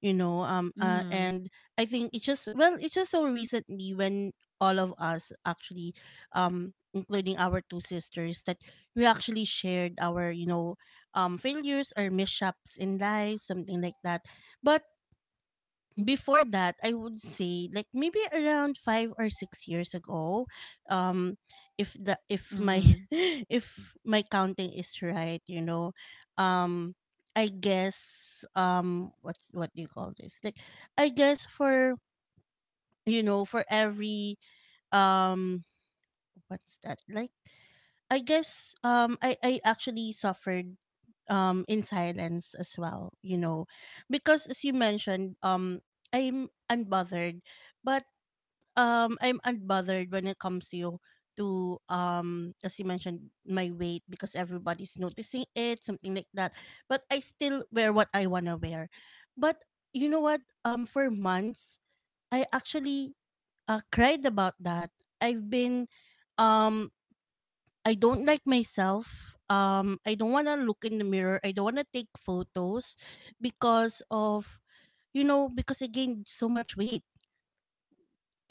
Speaker 1: you know.
Speaker 2: Mm-hmm.
Speaker 1: And I think it's just, well, it's just so recently, when all of us actually, including our two sisters, that we actually shared our, you know, failures or mishaps in life, something like that. But before that, I would say like maybe around 5 or 6 years ago, um if my
Speaker 2: Mm-hmm.
Speaker 1: <laughs> if my counting is right, you know, um I guess, what do you call this, like, I guess for, you know, for every um what's that, like, I guess I actually suffered in silence as well, you know, because as you mentioned, I'm unbothered, but I'm unbothered when it comes to you, to as you mentioned, my weight, because everybody's noticing it, something like that. But I still wear what I want to wear. But you know what, for months, I actually cried about that. Um I don't like myself. I don't want to look in the mirror. I don't want to take photos because of, you know, because I gained so much weight.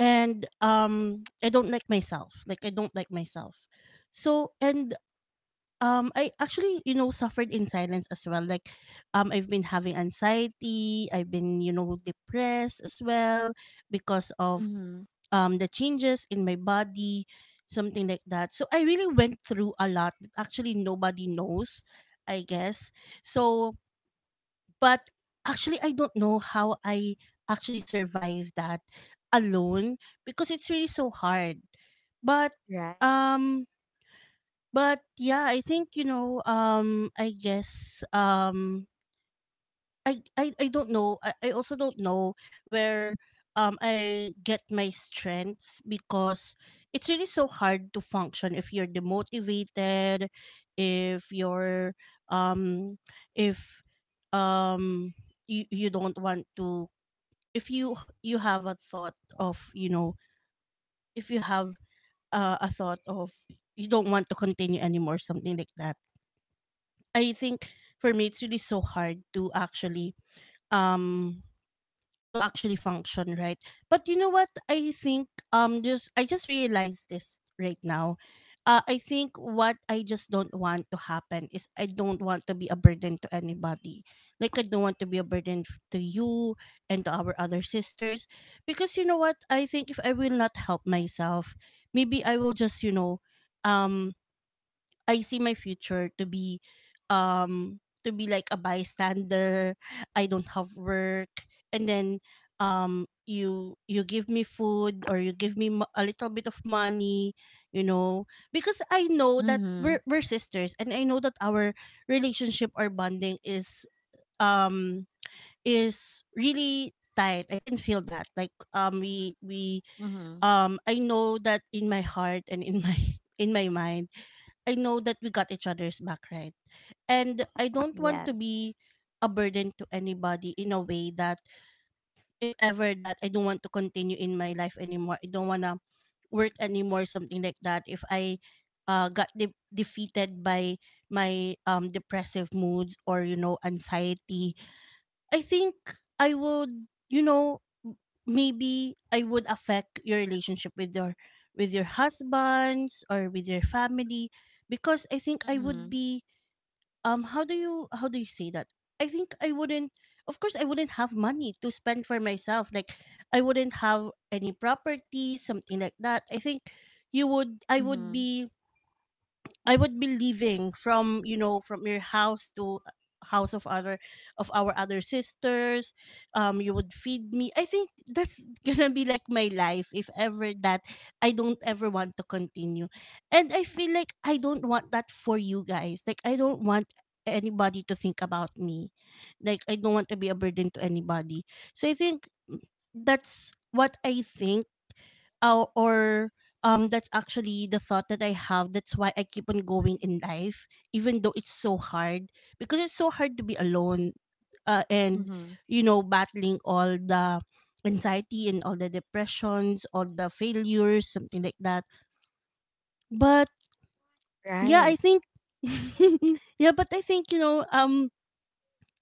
Speaker 1: And I don't like myself. Like I don't like myself. So, and I actually, you know, suffered in silence as well. Like I've been having anxiety. I've been, you know, depressed as well, because of
Speaker 2: Mm-hmm.
Speaker 1: the changes in my body, something like that. So I really went through a lot. That Actually, nobody knows, I guess. So, but actually, I don't know how I actually survived that alone, because it's really so hard. But,
Speaker 2: Right.
Speaker 1: um, but yeah, I think you know. I guess. I don't know. I also don't know where I get my strengths, because it's really so hard to function if you're demotivated, if you're um if um you don't want to, if you have a thought of, you know, if you have a thought of you don't want to continue anymore, something like that. I think for me it's really so hard um to actually function, right? But you know what, I think just I just realized this right now, I think what I just don't want to happen is I don't want to be a burden to anybody. Like I don't want to be a burden to you and to our other sisters, because you know what, I think if I will not help myself, maybe I will just, you know, um I see my future um to be like a bystander. I don't have work, and then you give me food, or you give me a little bit of money, you know, because I know that
Speaker 2: Mm-hmm.
Speaker 1: we're sisters, and I know that our relationship or bonding um is really tight. I can feel that. Like we
Speaker 2: Mm-hmm.
Speaker 1: I know that, in my heart and in my <laughs> in my mind, I know that we got each other's back, right? And I don't want to
Speaker 2: Yes.
Speaker 1: be a burden to anybody, in a way that, if ever that I don't want to continue in my life anymore, I don't want to work anymore, something like that. If I got defeated by my depressive moods, or, you know, anxiety, I think I would, you know, maybe I would affect your relationship with your husbands or with your family, because I think I would
Speaker 2: Mm-hmm.
Speaker 1: be how do you say that? I think I wouldn't, of course I wouldn't have money to spend for myself. Like I wouldn't have any property, something like that. I think you would
Speaker 2: Mm-hmm.
Speaker 1: I would be leaving from, you know, from your house to house of other of our other sisters. You would feed me. I think that's <laughs> gonna be like my life, if ever that I don't ever want to continue, and I feel like I don't want that for you guys. Like I don't want anybody to think about me. Like I don't want to be a burden to anybody. So I think that's what I think. Oh, or that's actually the thought that I have. That's why I keep on going in life, even though it's so hard. Because it's so hard to be alone, and
Speaker 2: Mm-hmm.
Speaker 1: you know, battling all the anxiety and all the depressions, all the failures, something like that. But yeah, I
Speaker 2: Right.
Speaker 1: think, <laughs> yeah, but I think you know,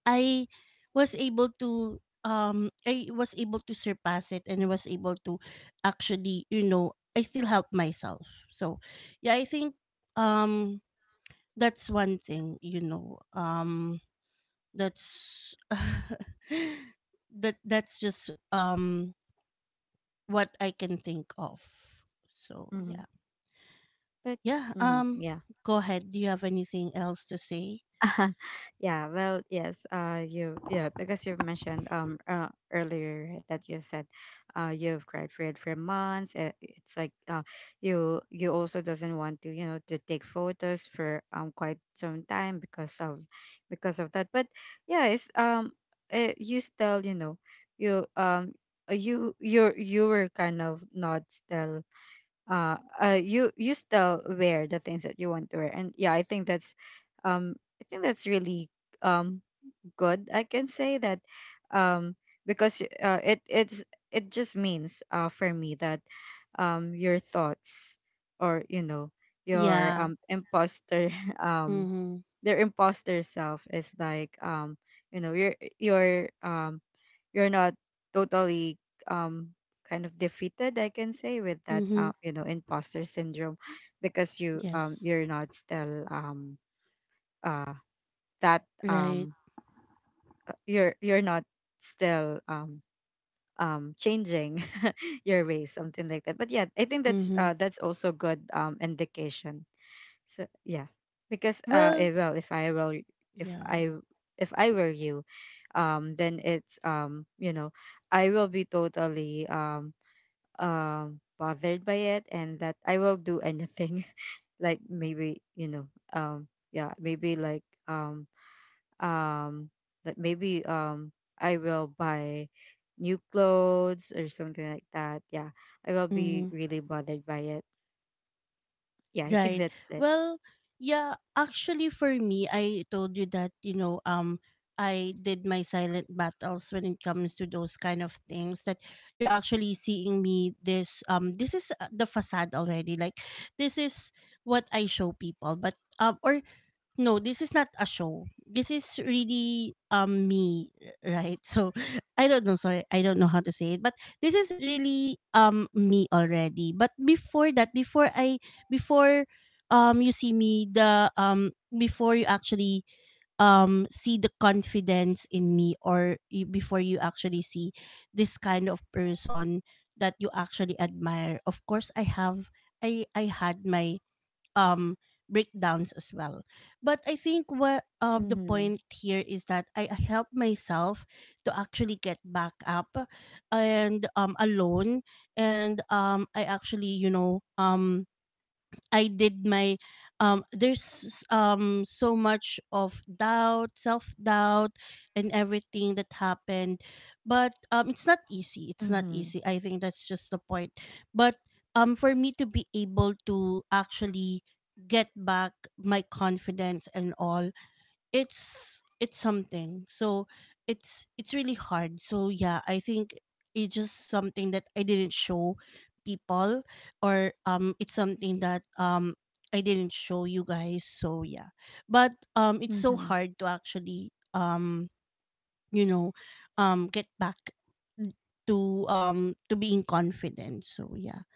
Speaker 1: I was able to I was able to surpass it, and I was able to actually, you know, I still help myself. So yeah, I think um that's one thing, you know. That's <laughs> that's just what I can think of. So
Speaker 2: Mm-hmm.
Speaker 1: yeah.
Speaker 2: But.
Speaker 1: Yeah,
Speaker 2: Mm-hmm. Yeah.
Speaker 1: go ahead. Do you have anything else to say?
Speaker 2: <laughs> Yes, you, yeah, because you've mentioned, earlier that you said, you've cried for it for months. It's like, you, you also doesn't want to, you know, to take photos for quite some time, because of, that. But yeah, it's you still, you know, you you, you're, you were kind of not still, you, you still wear the things that you want to wear. And yeah, I think that's, um I think that's really, um good, I can say that, um because, it, it's, it just means, for me that, your thoughts, or, you know, your
Speaker 1: Yeah.
Speaker 2: imposter <laughs> um
Speaker 1: Mm-hmm.
Speaker 2: their imposter self is like, you know, you're you're not totally um kind of defeated, I can say, with that,
Speaker 1: Mm-hmm.
Speaker 2: you know, imposter syndrome. Because you,
Speaker 1: Yes.
Speaker 2: you're not still, uh that,
Speaker 1: Right.
Speaker 2: you're not still, changing <laughs> your ways, something like that. But yeah, I think that's,
Speaker 1: Mm-hmm.
Speaker 2: that's also good, indication. So yeah, because,
Speaker 1: Well,
Speaker 2: well, if
Speaker 1: yeah.
Speaker 2: I, if I were you, then it's, you know, I will be totally bothered by it, and that I will do anything. <laughs> Like maybe, you know, um, yeah, maybe like, um like maybe, I will buy new clothes or something like that. Yeah, I will be
Speaker 1: Mhm.
Speaker 2: really bothered by it. Yeah, I think
Speaker 1: Right.
Speaker 2: that's it.
Speaker 1: Well, yeah, actually for me, I told you that, you know, I did my silent battles when it comes to those kind of things, that you're actually seeing me. This this is the facade already. Like this is what I show people, but or no, this is not a show. This is really me, right? So <laughs> I don't know, sorry, I don't know how to say it, but this is really me already. But before that, before you see me the before you actually see the confidence in me before you actually see this kind of person that you actually admire. Of course, I have I had my um breakdowns as well, but I think what the
Speaker 2: Mm-hmm.
Speaker 1: point here is that I help myself to actually get back up and alone, and I actually, you know I did my there's so much of doubt, self-doubt and everything that happened. But it's not easy. It's not
Speaker 2: Mm-hmm.
Speaker 1: easy. I think that's just the point. But for me to be able to actually get back my confidence and all, it's something so, it's really hard, so yeah, I think it's just something that I didn't show people, or it's something that I didn't show you guys, so yeah. But it's so
Speaker 2: Mm-hmm.
Speaker 1: hard to actually you know get back to being confident, so yeah.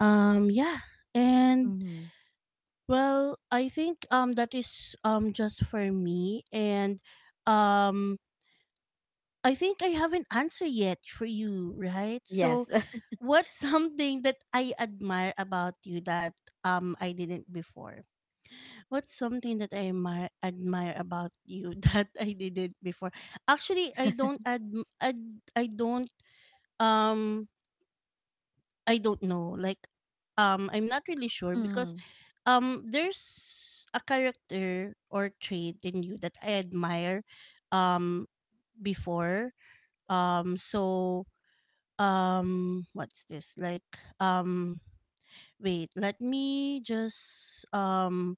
Speaker 1: um yeah and
Speaker 2: Hmm.
Speaker 1: well, I think that is just for me, and um I think I have an answer yet for you, right? So
Speaker 2: Yes. <laughs>
Speaker 1: what's <laughs> something that I admire about you that I didn't before? What's something that I admire, admire about you <laughs> that I didn't before? Actually, ad I don't um I don't know. Like I'm not really sure because
Speaker 2: Hmm.
Speaker 1: there's a character or trait in you that I admire um before. Um so what's this like um wait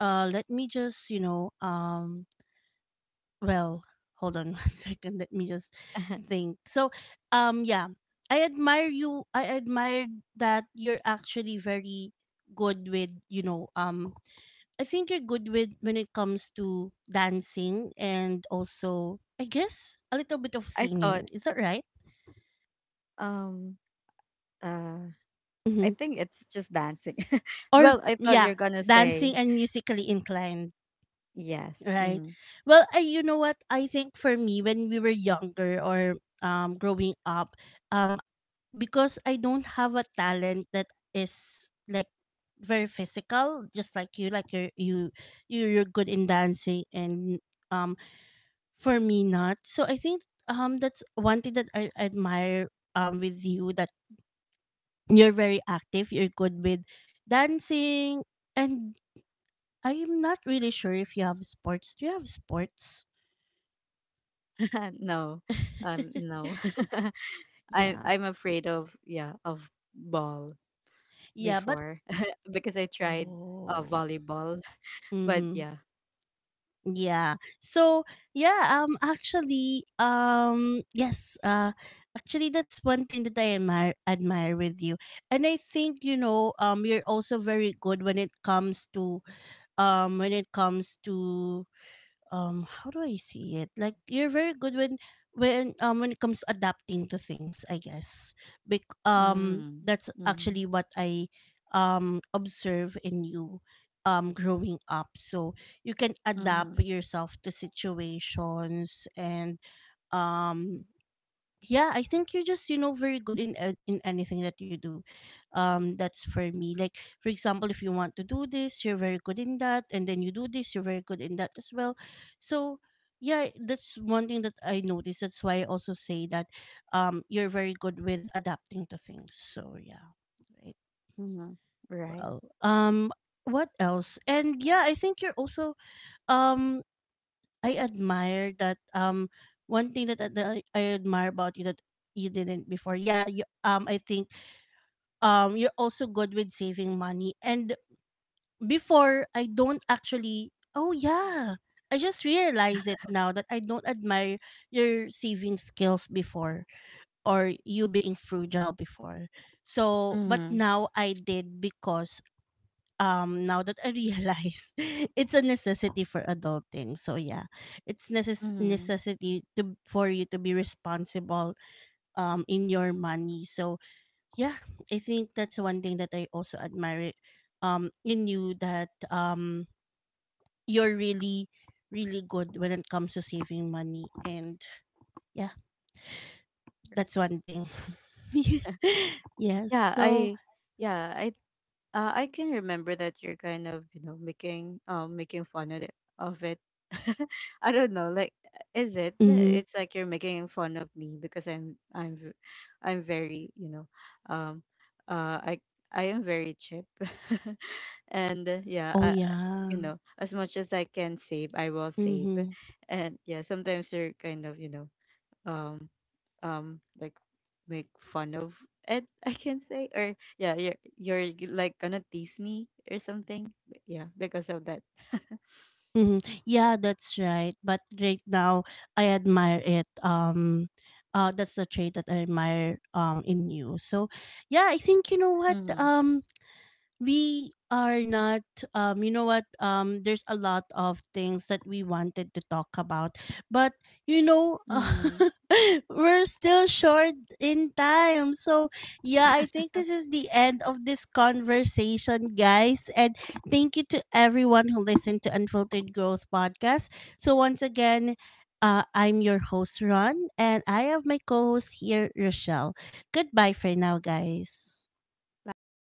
Speaker 1: let me just you know Well, hold on, <laughs> 1 second, let me just
Speaker 2: <laughs>
Speaker 1: think. So yeah, I admire that you're actually very good with, you know, I think you're good with when it comes to dancing, and also I guess a little bit of
Speaker 2: I thought,
Speaker 1: singing. Is that right?
Speaker 2: um, uh, I
Speaker 1: Hmm.
Speaker 2: think it's just dancing. <laughs>
Speaker 1: Or
Speaker 2: Well, I thought
Speaker 1: yeah,
Speaker 2: you're gonna say
Speaker 1: dancing and musically inclined,
Speaker 2: yes.
Speaker 1: right?
Speaker 2: Hmm.
Speaker 1: Well, I, you know what? I think for me when we were younger, or growing up, um because I don't have a talent that is like very physical, just like you, like you're good in dancing, and um for me, not. So I think that's one thing that I admire with you, that you're very active. You're good with dancing, and I'm not really sure if you have sports. Do you have sports?
Speaker 2: <laughs> No,
Speaker 1: <laughs>
Speaker 2: no. <laughs> I
Speaker 1: Yeah,
Speaker 2: I'm afraid of, yeah, of ball
Speaker 1: yeah, but
Speaker 2: before, <laughs> because I tried,
Speaker 1: oh,
Speaker 2: volleyball, but
Speaker 1: mm-hmm,
Speaker 2: yeah.
Speaker 1: yeah. So yeah, actually, yes, actually, that's one thing that I admire, admire with you, and I think, you know, you're also very good when it comes to, when it comes to, how do I say it? Like you're very good when, when it comes to adapting to things, I guess.
Speaker 2: Mm.
Speaker 1: That's actually
Speaker 2: Mm.
Speaker 1: what I observe in you growing up. So you can adapt
Speaker 2: Mm.
Speaker 1: yourself to situations, and um yeah, I think you're just, you know, very good in in anything that you do. That's for me, like for example, if you want to do this, you're very good in that, and then you do this, you're very good in that as well. So yeah, that's one thing that I noticed, that's why I also say that you're very good with adapting to things, so yeah, right.
Speaker 2: Mm. Right.
Speaker 1: Well, what else, and yeah, I think you're also, um I admire that, one thing that, that I admire about you that you didn't before. Yeah, you, I think you're also good with saving money. And before I don't actually, oh yeah, I just realize it now, that I don't admire your saving skills before, or you being frugal before. So, but
Speaker 2: Mm.
Speaker 1: now I did, because now that I realize, <laughs> it's a necessity for adulting. So yeah, it's
Speaker 2: Mm.
Speaker 1: necessity to, for you to be responsible in your money. So yeah, I think that's one thing that I also admire in you, that you're really really good when it comes to saving money, and yeah, that's one thing. <laughs> Yes.
Speaker 2: Yeah.
Speaker 1: So,
Speaker 2: I. Yeah. I. I can remember that you're kind of, you know, making making fun of it, of it. <laughs> I don't know, like, is it?
Speaker 1: mhm,
Speaker 2: It's like you're making fun of me because I'm, I'm very, you know, um uh I I am very cheap. <laughs> And yeah,
Speaker 1: oh
Speaker 2: I, you
Speaker 1: yeah,
Speaker 2: know, as much as I can save, I will save.
Speaker 1: mhm,
Speaker 2: And yeah, sometimes you're kind of, you know, um like make fun of it, <laughs> I can say. Or yeah, you're like gonna tease me or something, yeah, because of that. <laughs>
Speaker 1: mhm. Yeah, that's right. But right now, I admire it. That's the trait that I admire in you. So, yeah, I think you know what.
Speaker 2: Mm-hmm.
Speaker 1: We are not, you know what, there's a lot of things that we wanted to talk about, but you know,
Speaker 2: Mm-hmm.
Speaker 1: <laughs> we're still short in time. So yeah, I think this is the end of this conversation, guys, and thank you to everyone who listened to Unfiltered Growth Podcast. So once again, I'm your host Ron, and I have my co-host here Rochelle. Goodbye for now, guys.
Speaker 2: Bye.